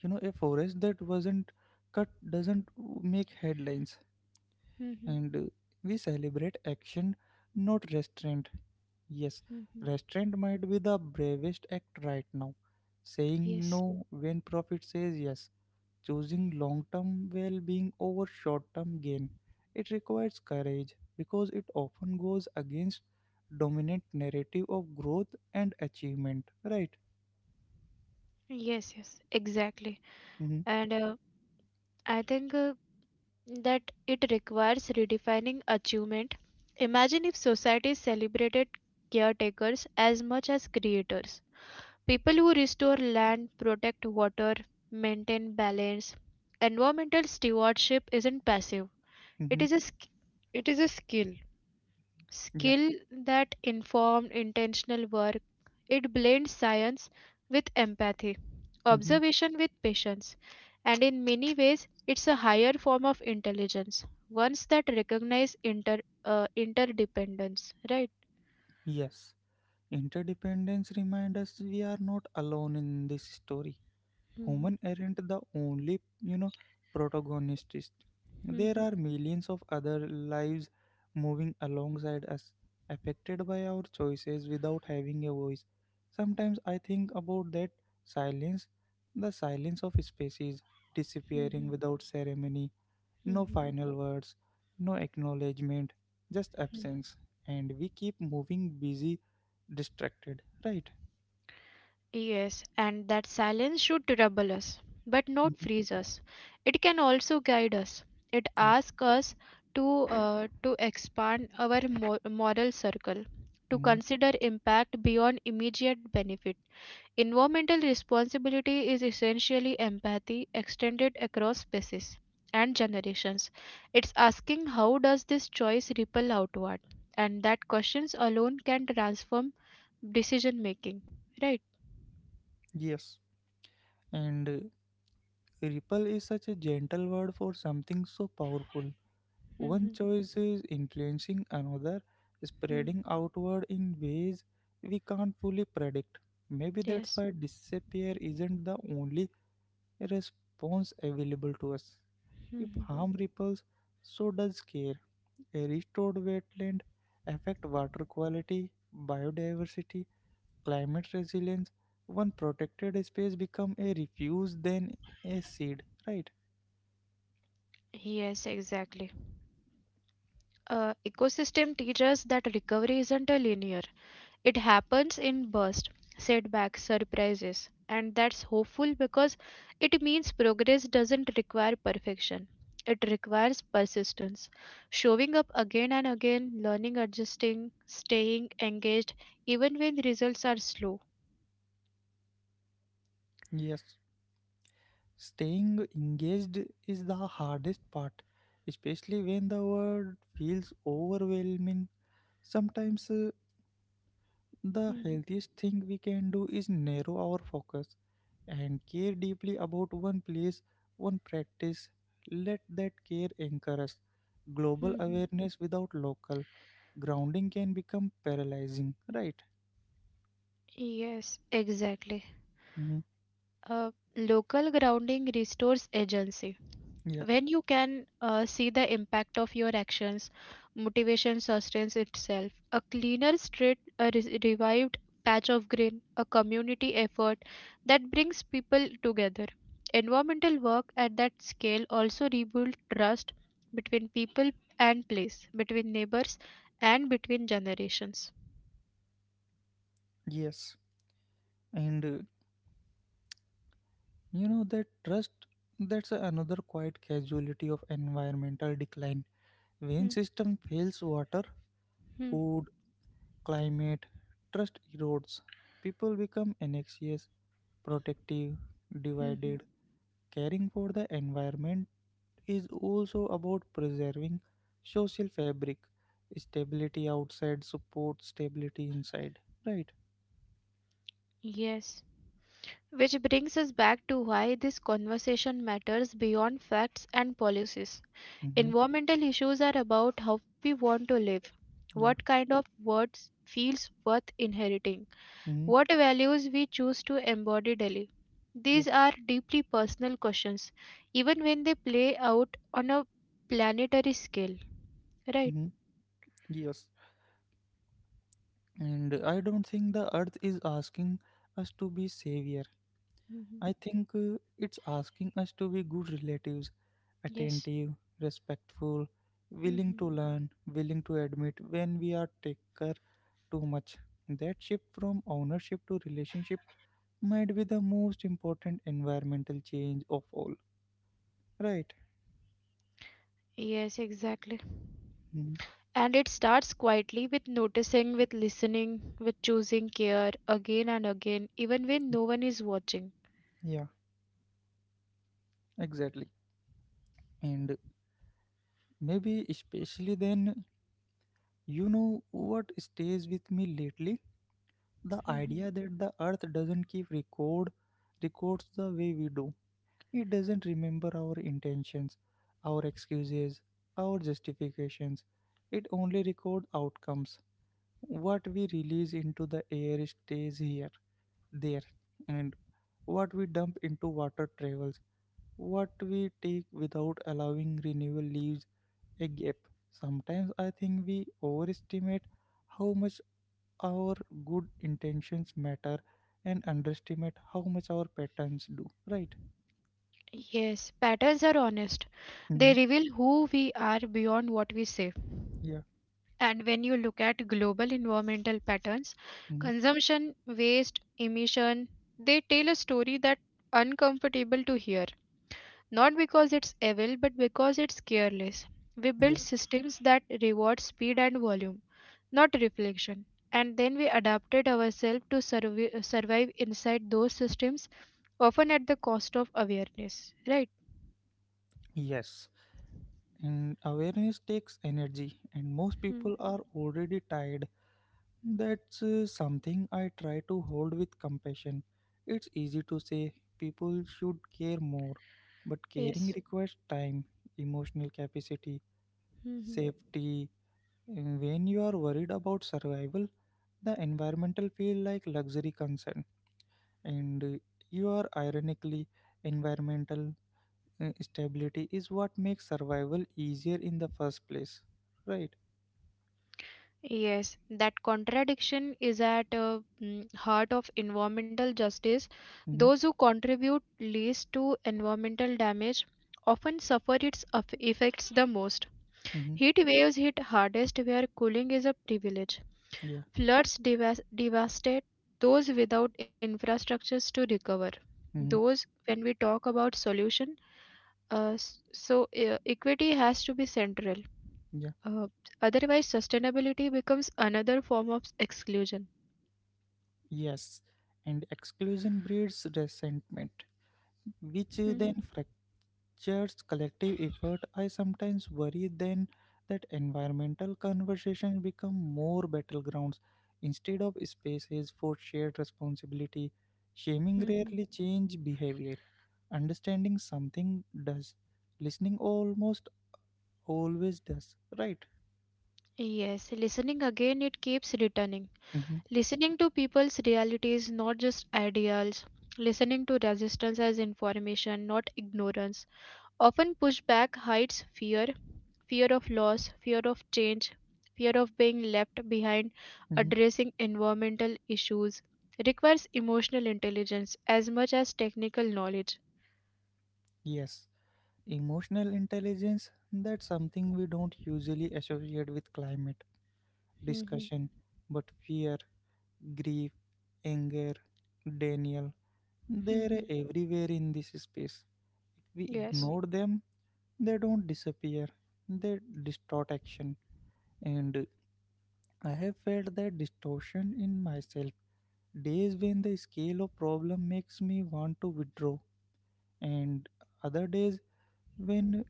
Speaker 1: you know a forest that wasn't cut doesn't make headlines,
Speaker 2: mhm,
Speaker 1: and we celebrate action, not restraint. Yes,
Speaker 2: mhm.
Speaker 1: restraint might be the bravest act right now, saying
Speaker 2: Yes.
Speaker 1: no when profit says yes, choosing long term well being over short term gain. It requires courage because it often goes against dominant narrative of growth and achievement, right?
Speaker 2: Yes, exactly.
Speaker 1: Mm-hmm.
Speaker 2: And I think that it requires redefining achievement. Imagine if society celebrated caretakers as much as creators. People who restore land, protect water, maintain balance. Environmental stewardship isn't passive. It
Speaker 1: Mm-hmm.
Speaker 2: is a sk- it is a skill.
Speaker 1: Yeah.
Speaker 2: skill that informed intentional work. It blends science with empathy,
Speaker 1: Mm-hmm.
Speaker 2: observation with patience, and in many ways, it's a higher form of intelligence, ones that recognize interdependence, right?
Speaker 1: Yes, interdependence reminds us we are not alone in this story.
Speaker 2: Mhm,
Speaker 1: Human aren't the only protagonists. There
Speaker 2: mhm,
Speaker 1: are millions of other lives moving alongside us, affected by our choices without having a voice. Sometimes I think about that silence, the silence of species disappearing
Speaker 2: mhm,
Speaker 1: without ceremony,
Speaker 2: mhm,
Speaker 1: no
Speaker 2: mhm.
Speaker 1: final words, no acknowledgement, just absence. And we keep moving, busy, distracted, right?
Speaker 2: Yes, and that silence should trouble us, but not
Speaker 1: Mhm.
Speaker 2: freeze us. It can also guide us. It
Speaker 1: Yeah.
Speaker 2: asks us to expand our moral circle, to
Speaker 1: Mhm.
Speaker 2: consider impact beyond immediate benefit. Environmental responsibility is essentially empathy extended across species and generations. It's asking how does this choice ripple outward, and that questions alone can transform decision making. Right.
Speaker 1: Yes. And ripple is such a gentle word for something so powerful. One
Speaker 2: Mhm.
Speaker 1: choice is influencing another,
Speaker 2: Hmm.
Speaker 1: spreading outward in ways we can't fully predict. Maybe that's
Speaker 2: Yes.
Speaker 1: why disappear isn't the only response available to us. If
Speaker 2: Mhm.
Speaker 1: harm ripples, so does care. A restored wetland affect water quality, biodiversity, climate resilience. One protected space become a refuge, then a seed, right?
Speaker 2: Yes, exactly. Ecosystem teaches that recovery isn't a linear. It happens in bursts, setbacks, surprises, and that's hopeful because it means progress doesn't require perfection. It requires persistence, showing up again and again, learning, adjusting, staying engaged, even when results are slow.
Speaker 1: Yes. Staying engaged is the hardest part, especially when the world feels overwhelming. Sometimes the
Speaker 2: Mhm.
Speaker 1: healthiest thing we can do is narrow our focus and care deeply about one place, one practice. Let that care anchor us. Global
Speaker 2: Mhm.
Speaker 1: awareness without local grounding can become paralyzing, right?
Speaker 2: Yes, exactly.
Speaker 1: Hmm.
Speaker 2: Uh, Local grounding restores agency.
Speaker 1: Yeah,
Speaker 2: When you can see the impact of your actions, motivation sustains itself. A cleaner street, a revived patch of green, a community effort that brings people together. Environmental work at that scale also rebuilds trust between people and place, between neighbors and between generations.
Speaker 1: yes. And that trust, that's another quiet casualty of environmental decline. When
Speaker 2: Hmm,
Speaker 1: system fails water,
Speaker 2: hmm,
Speaker 1: food, climate, trust erodes. People become anxious, protective,
Speaker 2: hmm, hmm.
Speaker 1: divided. Caring for the environment is also about preserving social fabric. Stability outside supports stability inside. Right?
Speaker 2: Yes. Which brings us back to why this conversation matters beyond facts and policies.
Speaker 1: Mm-hmm.
Speaker 2: Environmental issues are about how we want to live, what
Speaker 1: Yeah.
Speaker 2: kind of words feels worth inheriting,
Speaker 1: Mm-hmm.
Speaker 2: what values we choose to embody daily.
Speaker 1: Yeah.
Speaker 2: These are deeply personal questions, even when they play out on a planetary scale. Right.
Speaker 1: Mm-hmm. Yes. And I don't think the earth is asking us to be saviors.
Speaker 2: Hmm.
Speaker 1: I think it's asking us to be good relatives,
Speaker 2: Yes.
Speaker 1: attentive, respectful, willing
Speaker 2: Hmm.
Speaker 1: to learn, willing to admit when we are taker too much. That shift from ownership to relationship might be the most important environmental change of all. Right?
Speaker 2: Yes, exactly.
Speaker 1: Mm.
Speaker 2: And it starts quietly with noticing, with listening, with choosing care again and again, even when no one is watching.
Speaker 1: Yeah, exactly. And maybe especially then, you know what stays with me lately? The idea
Speaker 2: [laughs]
Speaker 1: that the earth doesn't keep records the way we do. It doesn't remember our intentions, our excuses, our justifications. It only records outcomes. What we release into the air stays here, there, and what we dump into water travels. What we take without allowing renewal leaves a gap. Sometimes I think we overestimate how much our good intentions matter and underestimate how much our patterns do. Right?
Speaker 2: Yes, patterns are honest. They
Speaker 1: Hmm.
Speaker 2: reveal who we are beyond what we say.
Speaker 1: Yeah.
Speaker 2: And when you look at global environmental patterns,
Speaker 1: Mhm.
Speaker 2: consumption, waste, emission, they tell a story that uncomfortable to hear. Not because it's evil, but because it's careless. We build systems that reward speed and volume, not reflection. And then we adapted ourselves to survive inside those systems, often at the cost of awareness. Right?
Speaker 1: Yes, and awareness takes energy, and most
Speaker 2: Hmm.
Speaker 1: people are already tired. That's something I try to hold with compassion. It's easy to say people should care more, but caring
Speaker 2: Yes.
Speaker 1: requires time, emotional capacity,
Speaker 2: Hmm.
Speaker 1: safety. And when you are worried about survival, the environmental feel like luxury concern, and you are ironically environmental stability is what makes survival easier in the first place, right?
Speaker 2: Yes, that contradiction is at heart of environmental justice.
Speaker 1: Mm-hmm,
Speaker 2: Those who contribute least to environmental damage often suffer its effects the most.
Speaker 1: mm-hmm,
Speaker 2: Heat waves hit hardest where cooling is a privilege.
Speaker 1: yeah.
Speaker 2: Floods devastate those without infrastructures to recover.
Speaker 1: Mm-hmm,
Speaker 2: Those, when we talk about solution, uh, s- so equity has to be central.
Speaker 1: yeah.
Speaker 2: Uh, otherwise, sustainability becomes another form of exclusion.
Speaker 1: Yes, and exclusion breeds resentment,
Speaker 2: Mhm,
Speaker 1: which then fractures collective effort. I sometimes worry then that environmental conversations become more battlegrounds instead of spaces for shared responsibility. Shaming
Speaker 2: mhm.
Speaker 1: rarely change behavior. Understanding something does. Listening almost always does, right?
Speaker 2: Yes, listening again, it keeps returning.
Speaker 1: Hmm.
Speaker 2: Listening to people's realities, not just ideals. Listening to resistance as information, not ignorance. Often pushback hides fear, fear of loss, fear of change, fear of being left behind,
Speaker 1: Hmm.
Speaker 2: addressing environmental issues requires emotional intelligence as much as technical knowledge.
Speaker 1: Yes, emotional intelligence, that's something we don't usually associate with climate
Speaker 2: Mhm,
Speaker 1: discussion, but fear, grief, anger, denial, they're
Speaker 2: mhm.
Speaker 1: everywhere in this space. If we
Speaker 2: Yes.
Speaker 1: ignore them, they don't disappear, they distort action. And I have felt that distortion in myself. Days when the scale of problem makes me want to withdraw, and other days when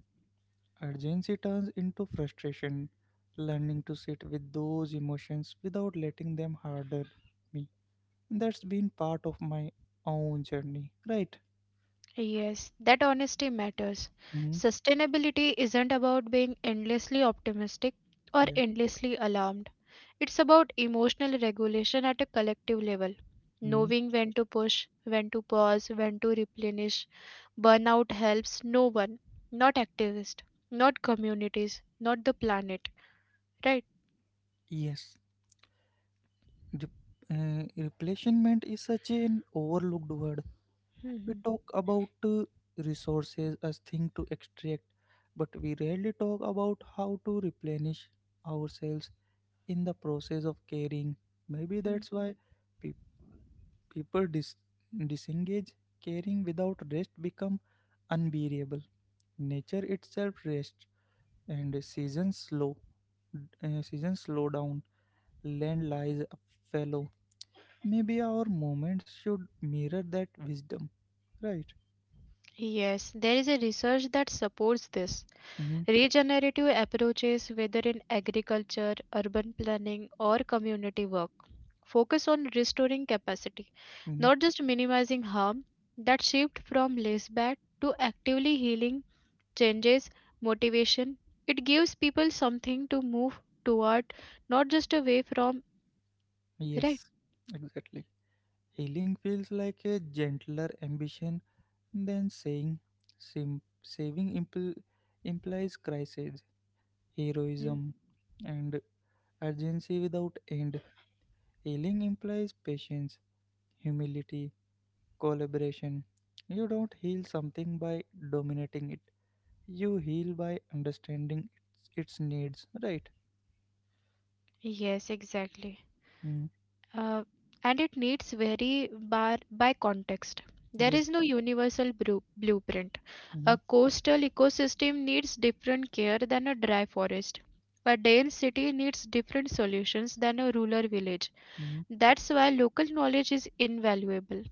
Speaker 1: urgency turns into frustration, learning to sit with those emotions without letting them harden me. That's been part of my own journey, right?
Speaker 2: Yes, that honesty matters.
Speaker 1: Hmm.
Speaker 2: Sustainability isn't about being endlessly optimistic or
Speaker 1: Yeah.
Speaker 2: endlessly alarmed. It's about emotional regulation at a collective level,
Speaker 1: Hmm.
Speaker 2: knowing when to push, when to pause, when to replenish. Burnout helps no one, not activists, not communities, not the planet, right?
Speaker 1: Yes. Re- Replacement is such an overlooked word. We
Speaker 2: Mhm.
Speaker 1: talk about resources as thing to extract, but we rarely talk about how to replenish ourselves in the process of caring. Maybe
Speaker 2: Mm.
Speaker 1: that's why pe- people disengage. Caring without rest become unbearable. Nature itself rests, and seasons slow. Seasons slow down. Land lies fallow. Maybe our moments should mirror that wisdom, right?
Speaker 2: Yes, there is a research that supports this.
Speaker 1: Hmm.
Speaker 2: Regenerative approaches, whether in agriculture, urban planning, or community work, focus on restoring capacity,
Speaker 1: Hmm.
Speaker 2: not just minimizing harm. That shift from less bad to actively healing changes motivation. It gives people something to move toward, not just away from, right?
Speaker 1: Yes, exactly. Healing feels like a gentler ambition then saying saving implies crisis,
Speaker 2: Mm.
Speaker 1: heroism, and urgency without end. Healing implies patience, humility, collaboration. You don't heal something by dominating it. You heal by understanding its needs, right?
Speaker 2: Yes, exactly.
Speaker 1: Mm,
Speaker 2: uh, and it needs vary bar by context. There
Speaker 1: yeah.
Speaker 2: is no universal blueprint.
Speaker 1: Hmm.
Speaker 2: A coastal ecosystem needs different care than a dry forest. A dense city needs different solutions than a rural village.
Speaker 1: Hmm.
Speaker 2: That's why local knowledge is invaluable.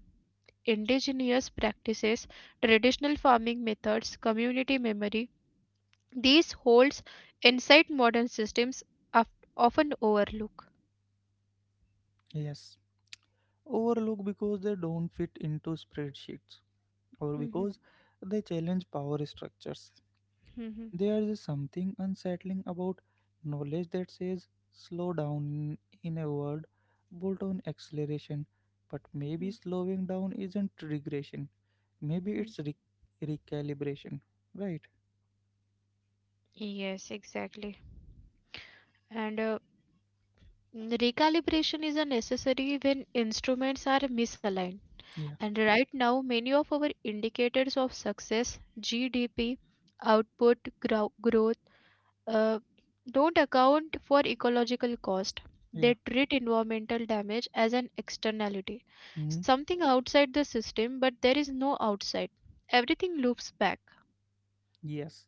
Speaker 2: Indigenous practices, traditional farming methods, community memory, these holds inside modern systems of- often overlook.
Speaker 1: Yes. Overlook because they don't fit into spreadsheets or
Speaker 2: Mhm,
Speaker 1: because they challenge power structures.
Speaker 2: mhm,
Speaker 1: There's something unsettling about knowledge that says slow down in a word, bolt on acceleration. But maybe
Speaker 2: mhm,
Speaker 1: slowing down isn't regression. Maybe
Speaker 2: mhm.
Speaker 1: it's recalibration. Right?
Speaker 2: Yes, exactly. And Recalibration is a necessary when instruments are misaligned.
Speaker 1: Yeah.
Speaker 2: And right now, many of our indicators of success, GDP, output, growth, uh, don't account for ecological cost.
Speaker 1: Yeah.
Speaker 2: They treat environmental damage as an externality,
Speaker 1: hmm
Speaker 2: something outside the system, but there is no outside. Everything loops back.
Speaker 1: Yes.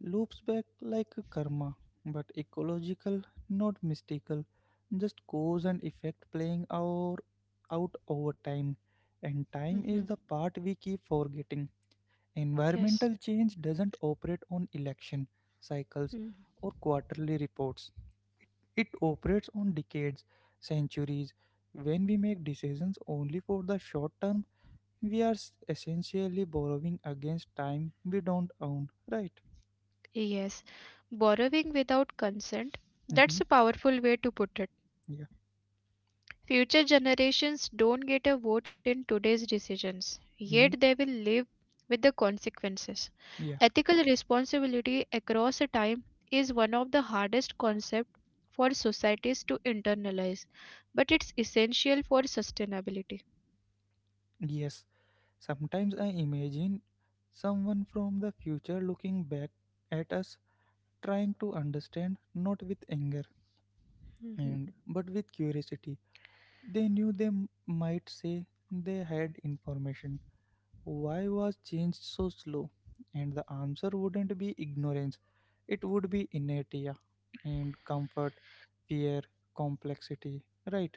Speaker 1: Loops back like a karma, but ecological, not mystical. Just cause and effect playing our out over time. And time
Speaker 2: Mhm.
Speaker 1: is the part we keep forgetting.
Speaker 2: Yes.
Speaker 1: Environmental change doesn't operate on election cycles
Speaker 2: Hmm.
Speaker 1: or quarterly reports. It operates on decades, centuries. When we make decisions only for the short term, essentially borrowing against time we don't own, right?
Speaker 2: Yes, borrowing without consent,
Speaker 1: hmm
Speaker 2: that's a powerful way to put it.
Speaker 1: Yeah.
Speaker 2: Future generations don't get a vote in today's decisions, yet
Speaker 1: hmm
Speaker 2: they will live with the consequences.
Speaker 1: Yeah.
Speaker 2: Ethical responsibility across a time is one of the hardest concepts for societies to internalize, but it's essential for sustainability.
Speaker 1: Yes. Sometimes I imagine someone from the future looking back at us, trying to understand, not with anger,
Speaker 2: Mhm.
Speaker 1: and but with curiosity. They knew they m- might say they had information. Why was change so slow? And the answer wouldn't be ignorance, it would be inertia and comfort, fear, complexity. Right?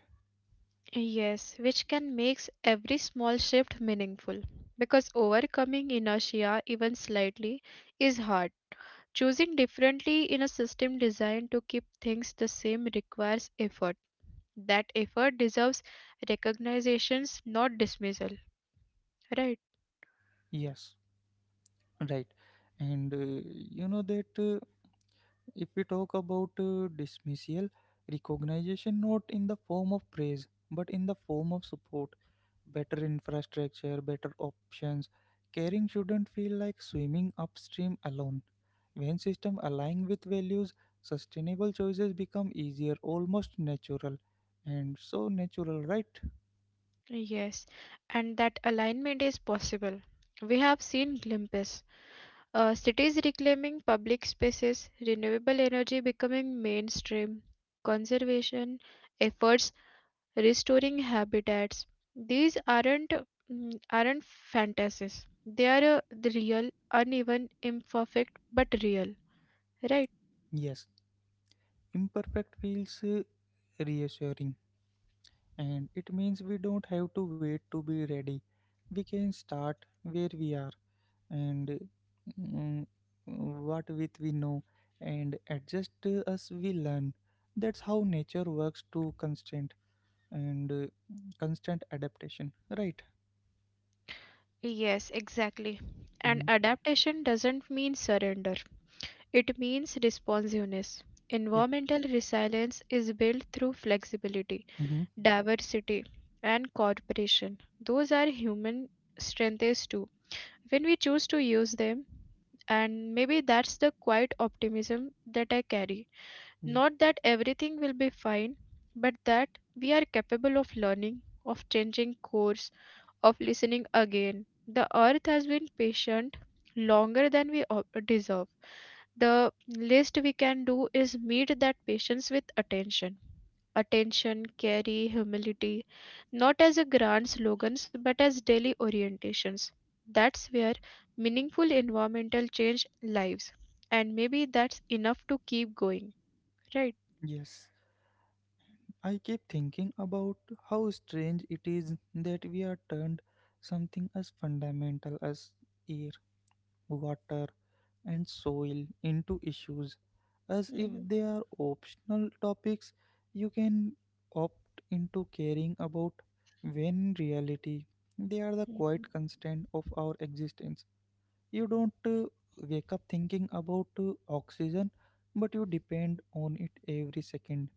Speaker 2: Yes, which can make every small shift meaningful because overcoming inertia, even slightly, is hard. Choosing differently in a system designed to keep things the same requires effort. That effort deserves recognitions, not dismissal. Right?
Speaker 1: Yes, right. And that if we talk about dismissal, recognition not in the form of praise but in the form of support, better infrastructure, better options. Caring shouldn't feel like swimming upstream alone. When systems align with values, sustainable choices become easier, almost natural. And so natural, right?
Speaker 2: Yes. And that alignment is possible. We have seen glimpses. Cities reclaiming public spaces, renewable energy becoming mainstream, conservation efforts restoring habitats. These aren't fantasies. They are the real, uneven, imperfect, but real. Right?
Speaker 1: Yes, imperfect feels reassuring, and it means we don't have to wait to be ready. We can start where we are and, mm, what with we know, and adjust as we learn. That's how nature works, to constant and constant adaptation, right?
Speaker 2: Yes, exactly. And
Speaker 1: Mhm.
Speaker 2: adaptation doesn't mean surrender. It means responsiveness.
Speaker 1: Yeah.
Speaker 2: Environmental resilience is built through flexibility,
Speaker 1: hmm
Speaker 2: diversity, and cooperation. Those are human strengths too. When we choose to use them, and maybe that's the quiet optimism that I carry.
Speaker 1: yeah.
Speaker 2: Not that everything will be fine, but that we are capable of learning, of changing course, of listening again. The earth has been patient longer than we deserve. The least we can do is meet that patience with attention. Attention, carry, humility, not as a grand slogans but as daily orientations. That's where meaningful environmental change lives. And maybe that's enough to keep going, right?
Speaker 1: Yes. I keep thinking about how strange it is that we are turned something as fundamental as air, water, and soil into issues, as if
Speaker 2: Mhm,
Speaker 1: they are optional topics you can opt into caring about, when in reality they are the
Speaker 2: mhm.
Speaker 1: quiet constraint of our existence. You don't wake up thinking about oxygen, but you depend on it every second.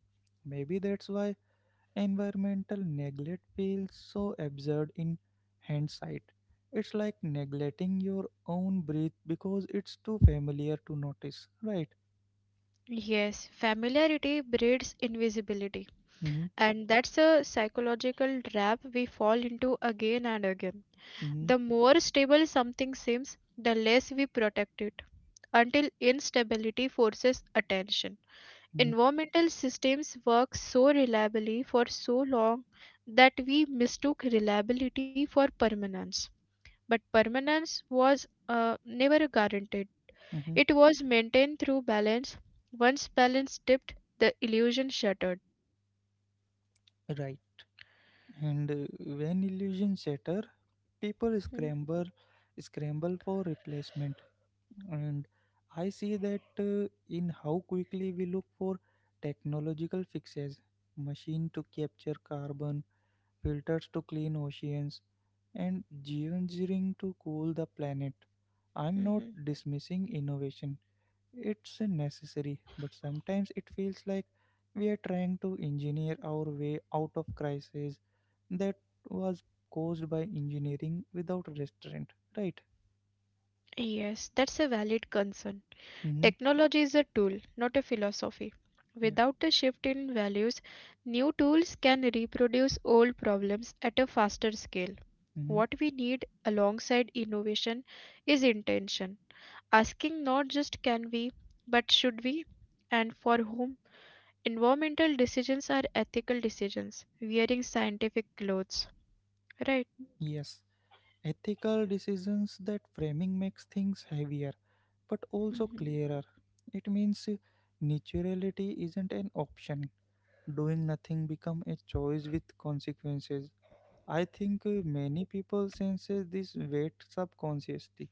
Speaker 1: Maybe that's why environmental neglect feels so absurd in hindsight. It's like neglecting your own breath because it's too familiar to notice, right?
Speaker 2: Yes, familiarity breeds invisibility,
Speaker 1: Mm-hmm.
Speaker 2: and that's a psychological trap we fall into again and again.
Speaker 1: Mm-hmm.
Speaker 2: The more stable something seems, the less we protect it, until instability forces attention.
Speaker 1: Mm-hmm.
Speaker 2: Environmental systems work so reliably for so long that we mistook reliability for permanence, but permanence was never guaranteed.
Speaker 1: Mhm.
Speaker 2: It was maintained through balance. Once balance dipped, the illusion shattered.
Speaker 1: Right. And when illusions shatter, people
Speaker 2: Hmm,
Speaker 1: scramble, scramble for replacement. And I see that in how quickly we look for technological fixes, machine to capture carbon, filters to clean oceans, and geoengineering to cool the planet. I'm
Speaker 2: hmm,
Speaker 1: not
Speaker 2: hmm.
Speaker 1: dismissing innovation. It's necessary, but sometimes it feels like we are trying to engineer our way out of crisis that was caused by engineering without restraint, right?
Speaker 2: Yes, that's a valid concern.
Speaker 1: Mm-hmm.
Speaker 2: Technology is a tool, not a philosophy.
Speaker 1: Yeah.
Speaker 2: Without a shift in values, new tools can reproduce old problems at a faster scale.
Speaker 1: Mm-hmm.
Speaker 2: What we need alongside innovation is intention, asking not just can we, but should we, and for whom. Environmental decisions are ethical decisions, wearing scientific clothes, right?
Speaker 1: Yes. Ethical decisions, that framing makes things heavier but also
Speaker 2: Mhm,
Speaker 1: clearer. It means naturality isn't an option. Doing nothing become a choice with consequences. I think many people sense this weight subconsciously,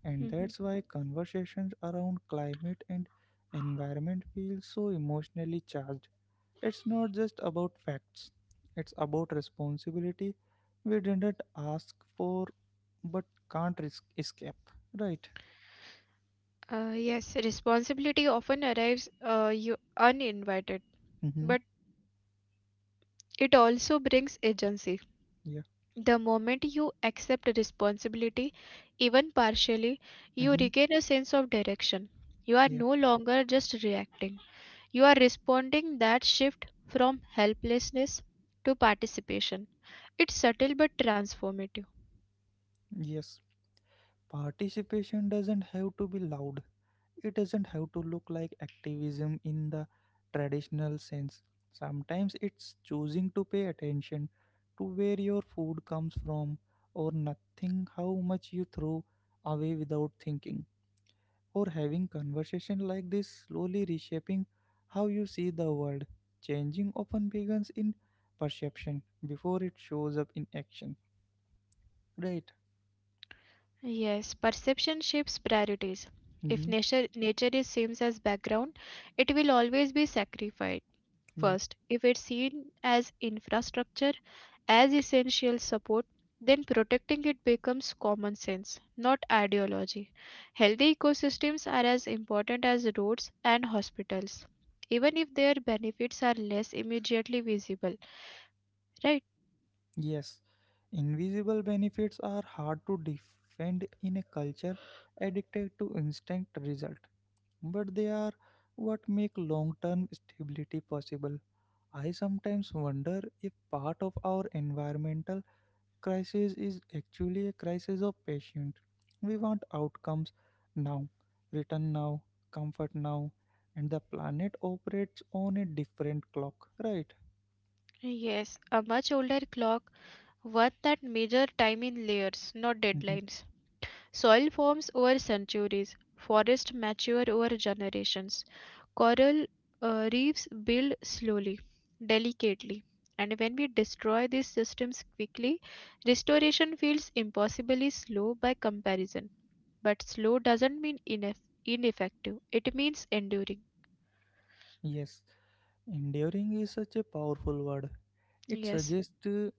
Speaker 1: and
Speaker 2: mhm.
Speaker 1: that's why conversations around climate and environment feel so emotionally charged. It's not just about facts, it's about responsibility we didn't ask for but can't risk escape. Right?
Speaker 2: Yes, responsibility often arrives you uninvited,
Speaker 1: Mm-hmm.
Speaker 2: but it also brings agency.
Speaker 1: Yeah.
Speaker 2: The moment you accept responsibility, even partially, you
Speaker 1: Mm-hmm.
Speaker 2: regain a sense of direction. You are
Speaker 1: Yeah,
Speaker 2: no longer just reacting. You are responding that shift from helplessness to participation. It's subtle but transformative.
Speaker 1: yes. Participation doesn't have to be loud. It doesn't have to look like activism in the traditional sense. Sometimes it's choosing to pay attention to where your food comes from, or nothing how much you throw away without thinking, or having conversation like this slowly reshaping how you see the world. Changing often begins in perception before it shows up in action. Right.
Speaker 2: Yes, perception shapes priorities. If
Speaker 1: hmm
Speaker 2: nature is seen as background, it will always be sacrificed
Speaker 1: Yeah.
Speaker 2: first. If it's seen as infrastructure, as essential support, then protecting it becomes common sense, not ideology. Healthy ecosystems are as important as roads and hospitals, even if their benefits are less immediately visible, right?
Speaker 1: Yes, invisible benefits are hard to defend in a culture addicted to instant result, but they are what make long-term stability possible. I sometimes wonder if part of our environmental crisis is actually a crisis of patience. We want outcomes now, return now, comfort now, and the planet operates on a different clock, right?
Speaker 2: Yes, a much older clock, one that measure time in layers, not
Speaker 1: Mhm.
Speaker 2: deadlines. Soil forms over centuries, forests mature over generations, coral reefs build slowly, delicately. And when we destroy these systems quickly, restoration feels impossibly slow by comparison. But slow doesn't mean ineffective, it means enduring.
Speaker 1: Yes. Enduring is such a powerful word. It
Speaker 2: Yes.
Speaker 1: suggests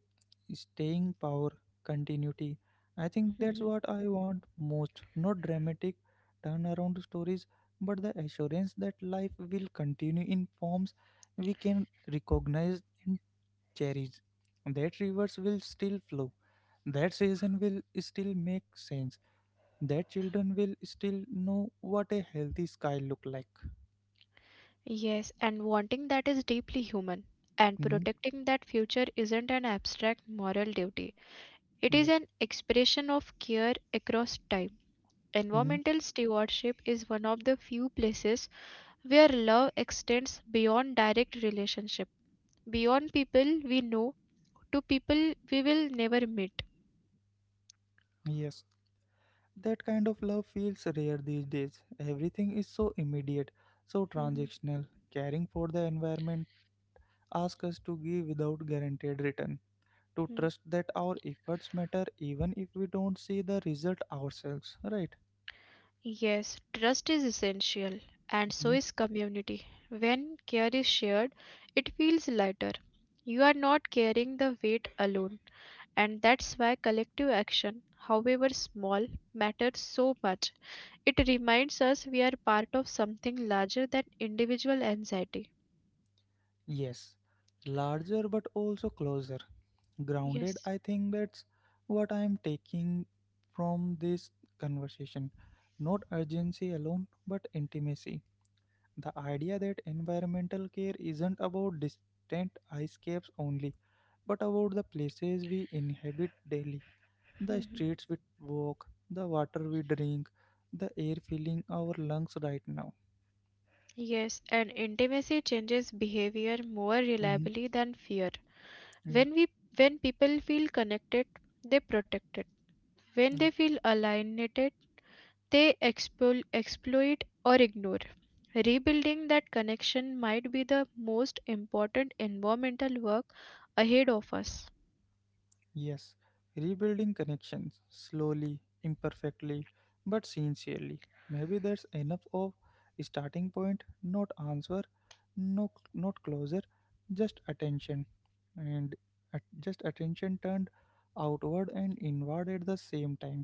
Speaker 1: staying power, continuity. I think that's what I want most. Not dramatic turnaround stories, but the assurance that life will continue in forms we can recognize and cherish. That rivers will still flow. That season will still make sense. That children will still know what a healthy sky look like.
Speaker 2: Yes, and wanting that is deeply human. And
Speaker 1: hmm
Speaker 2: protecting that future isn't an abstract moral duty. It is
Speaker 1: Yeah.
Speaker 2: an expression of care across time.
Speaker 1: hmm
Speaker 2: Environmental stewardship is one of the few places where love extends beyond direct relationship, beyond people we know to people we will never meet.
Speaker 1: Yes. That kind of love feels rare these days. Everything is so immediate, so
Speaker 2: Mhm.
Speaker 1: transactional. Caring for the environment asks us to give without guaranteed return, to trust that our efforts matter even if we don't see the result ourselves, right?
Speaker 2: Yes, trust is essential, and so
Speaker 1: Mhm.
Speaker 2: is community. When care is shared, it feels lighter. You are not carrying the weight alone, and that's why collective action, however small, matters so much. It reminds us we are part of something larger than individual anxiety.
Speaker 1: Yes, larger but also closer. Grounded,
Speaker 2: Yes.
Speaker 1: I think that's what I am taking from this conversation. Not urgency alone, but intimacy. The idea that environmental care isn't about distant escapes only, but about the places we inhabit daily, the
Speaker 2: Mhm.
Speaker 1: streets we walk, the water we drink, the air filling our lungs right now.
Speaker 2: Yes, and intimacy changes behavior more
Speaker 1: Mhm.
Speaker 2: reliably than fear. When we when people feel connected, they protect it. When
Speaker 1: Yeah,
Speaker 2: they
Speaker 1: yeah,
Speaker 2: feel alienated, they expel, exploit or ignore. Rebuilding that connection might be the most important environmental work ahead of us.
Speaker 1: yes. Rebuilding connections slowly, imperfectly, but sincerely. Maybe that's enough of starting point, not answer, no, not closure, just attention. And at just attention turned outward and inward at the same time,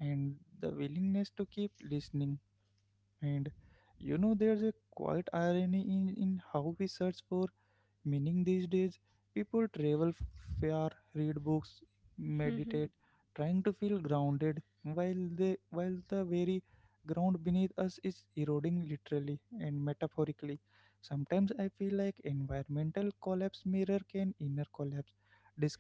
Speaker 1: and the willingness to keep listening. And you know, there's a quiet irony in how we search for meaning these days. People travel far, read books,
Speaker 2: Mhm,
Speaker 1: meditate, trying to feel grounded while the very ground beneath us is eroding, literally and metaphorically. Sometimes I feel like environmental collapse mirror can inner collapse,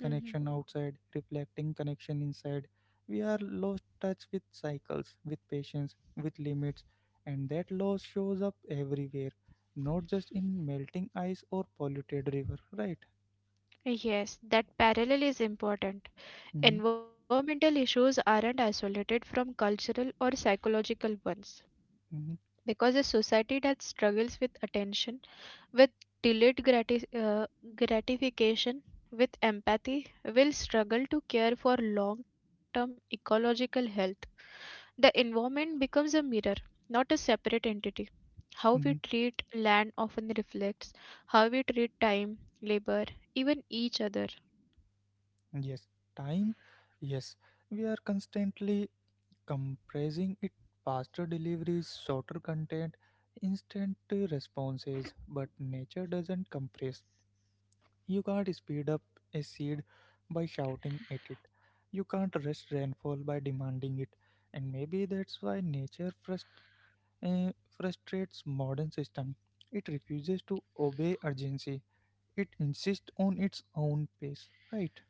Speaker 2: mhm.
Speaker 1: outside, reflecting connection inside. We are lost touch with cycles, with patience, with limits, and that loss shows up everywhere, not just in melting ice or polluted river, right?
Speaker 2: Yes, that parallel is important.
Speaker 1: hmm
Speaker 2: Environmental issues aren't isolated from cultural or psychological ones.
Speaker 1: hmm
Speaker 2: Because a society that struggles with attention with delayed gratification, with empathy, will struggle to care for long term ecological health. The environment becomes a mirror, not a separate entity. How we
Speaker 1: hmm
Speaker 2: treat land often reflects how we treat time, labor, even each other.
Speaker 1: Yes, time, yes, we are constantly compressing it, faster deliveries, shorter content, instant responses, but nature doesn't compress. You can't speed up a seed by shouting at it. You can't rush rainfall by demanding it. And maybe that's why nature uh, frustrates modern system. It refuses to obey urgency. It insists on its own pace, right?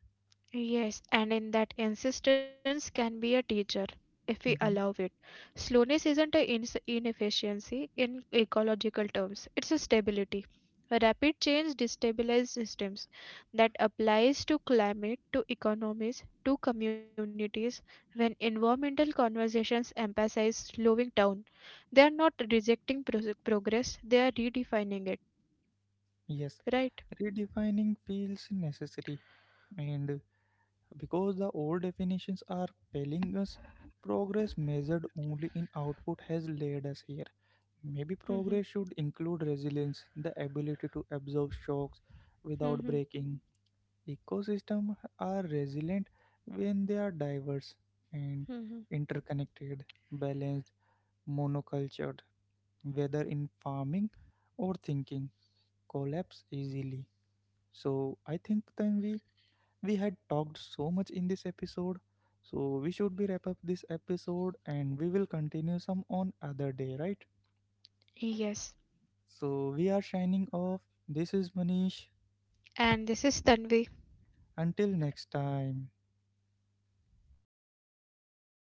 Speaker 2: Yes, and in that insistence can be a teacher if we allow
Speaker 1: hmm
Speaker 2: it. Slowness isn't an ins inefficiency in ecological terms, it's a stability. Rapid change destabilizes systems that applies to climate, to economies, to communities. When environmental conversations emphasize slowing down, they are not rejecting progress, they are redefining it,
Speaker 1: Yes,
Speaker 2: right?
Speaker 1: redefining feels necessary, and because the old definitions are failing us, progress measured only in output has led us here. Maybe
Speaker 2: Hmm.
Speaker 1: progress should include resilience, the ability to absorb shocks without
Speaker 2: Hmm.
Speaker 1: breaking. Ecosystems are resilient when they are diverse and
Speaker 2: Hmm.
Speaker 1: interconnected, balanced, monocultured. Whether in farming or thinking, collapse easily. So I think then we had talked so much in this episode. So we should be wrap up this episode and we will continue some on other day, right?
Speaker 2: Yes.
Speaker 1: So we are shining off. This is Manish.
Speaker 2: And this is Tanvi.
Speaker 1: Until next time.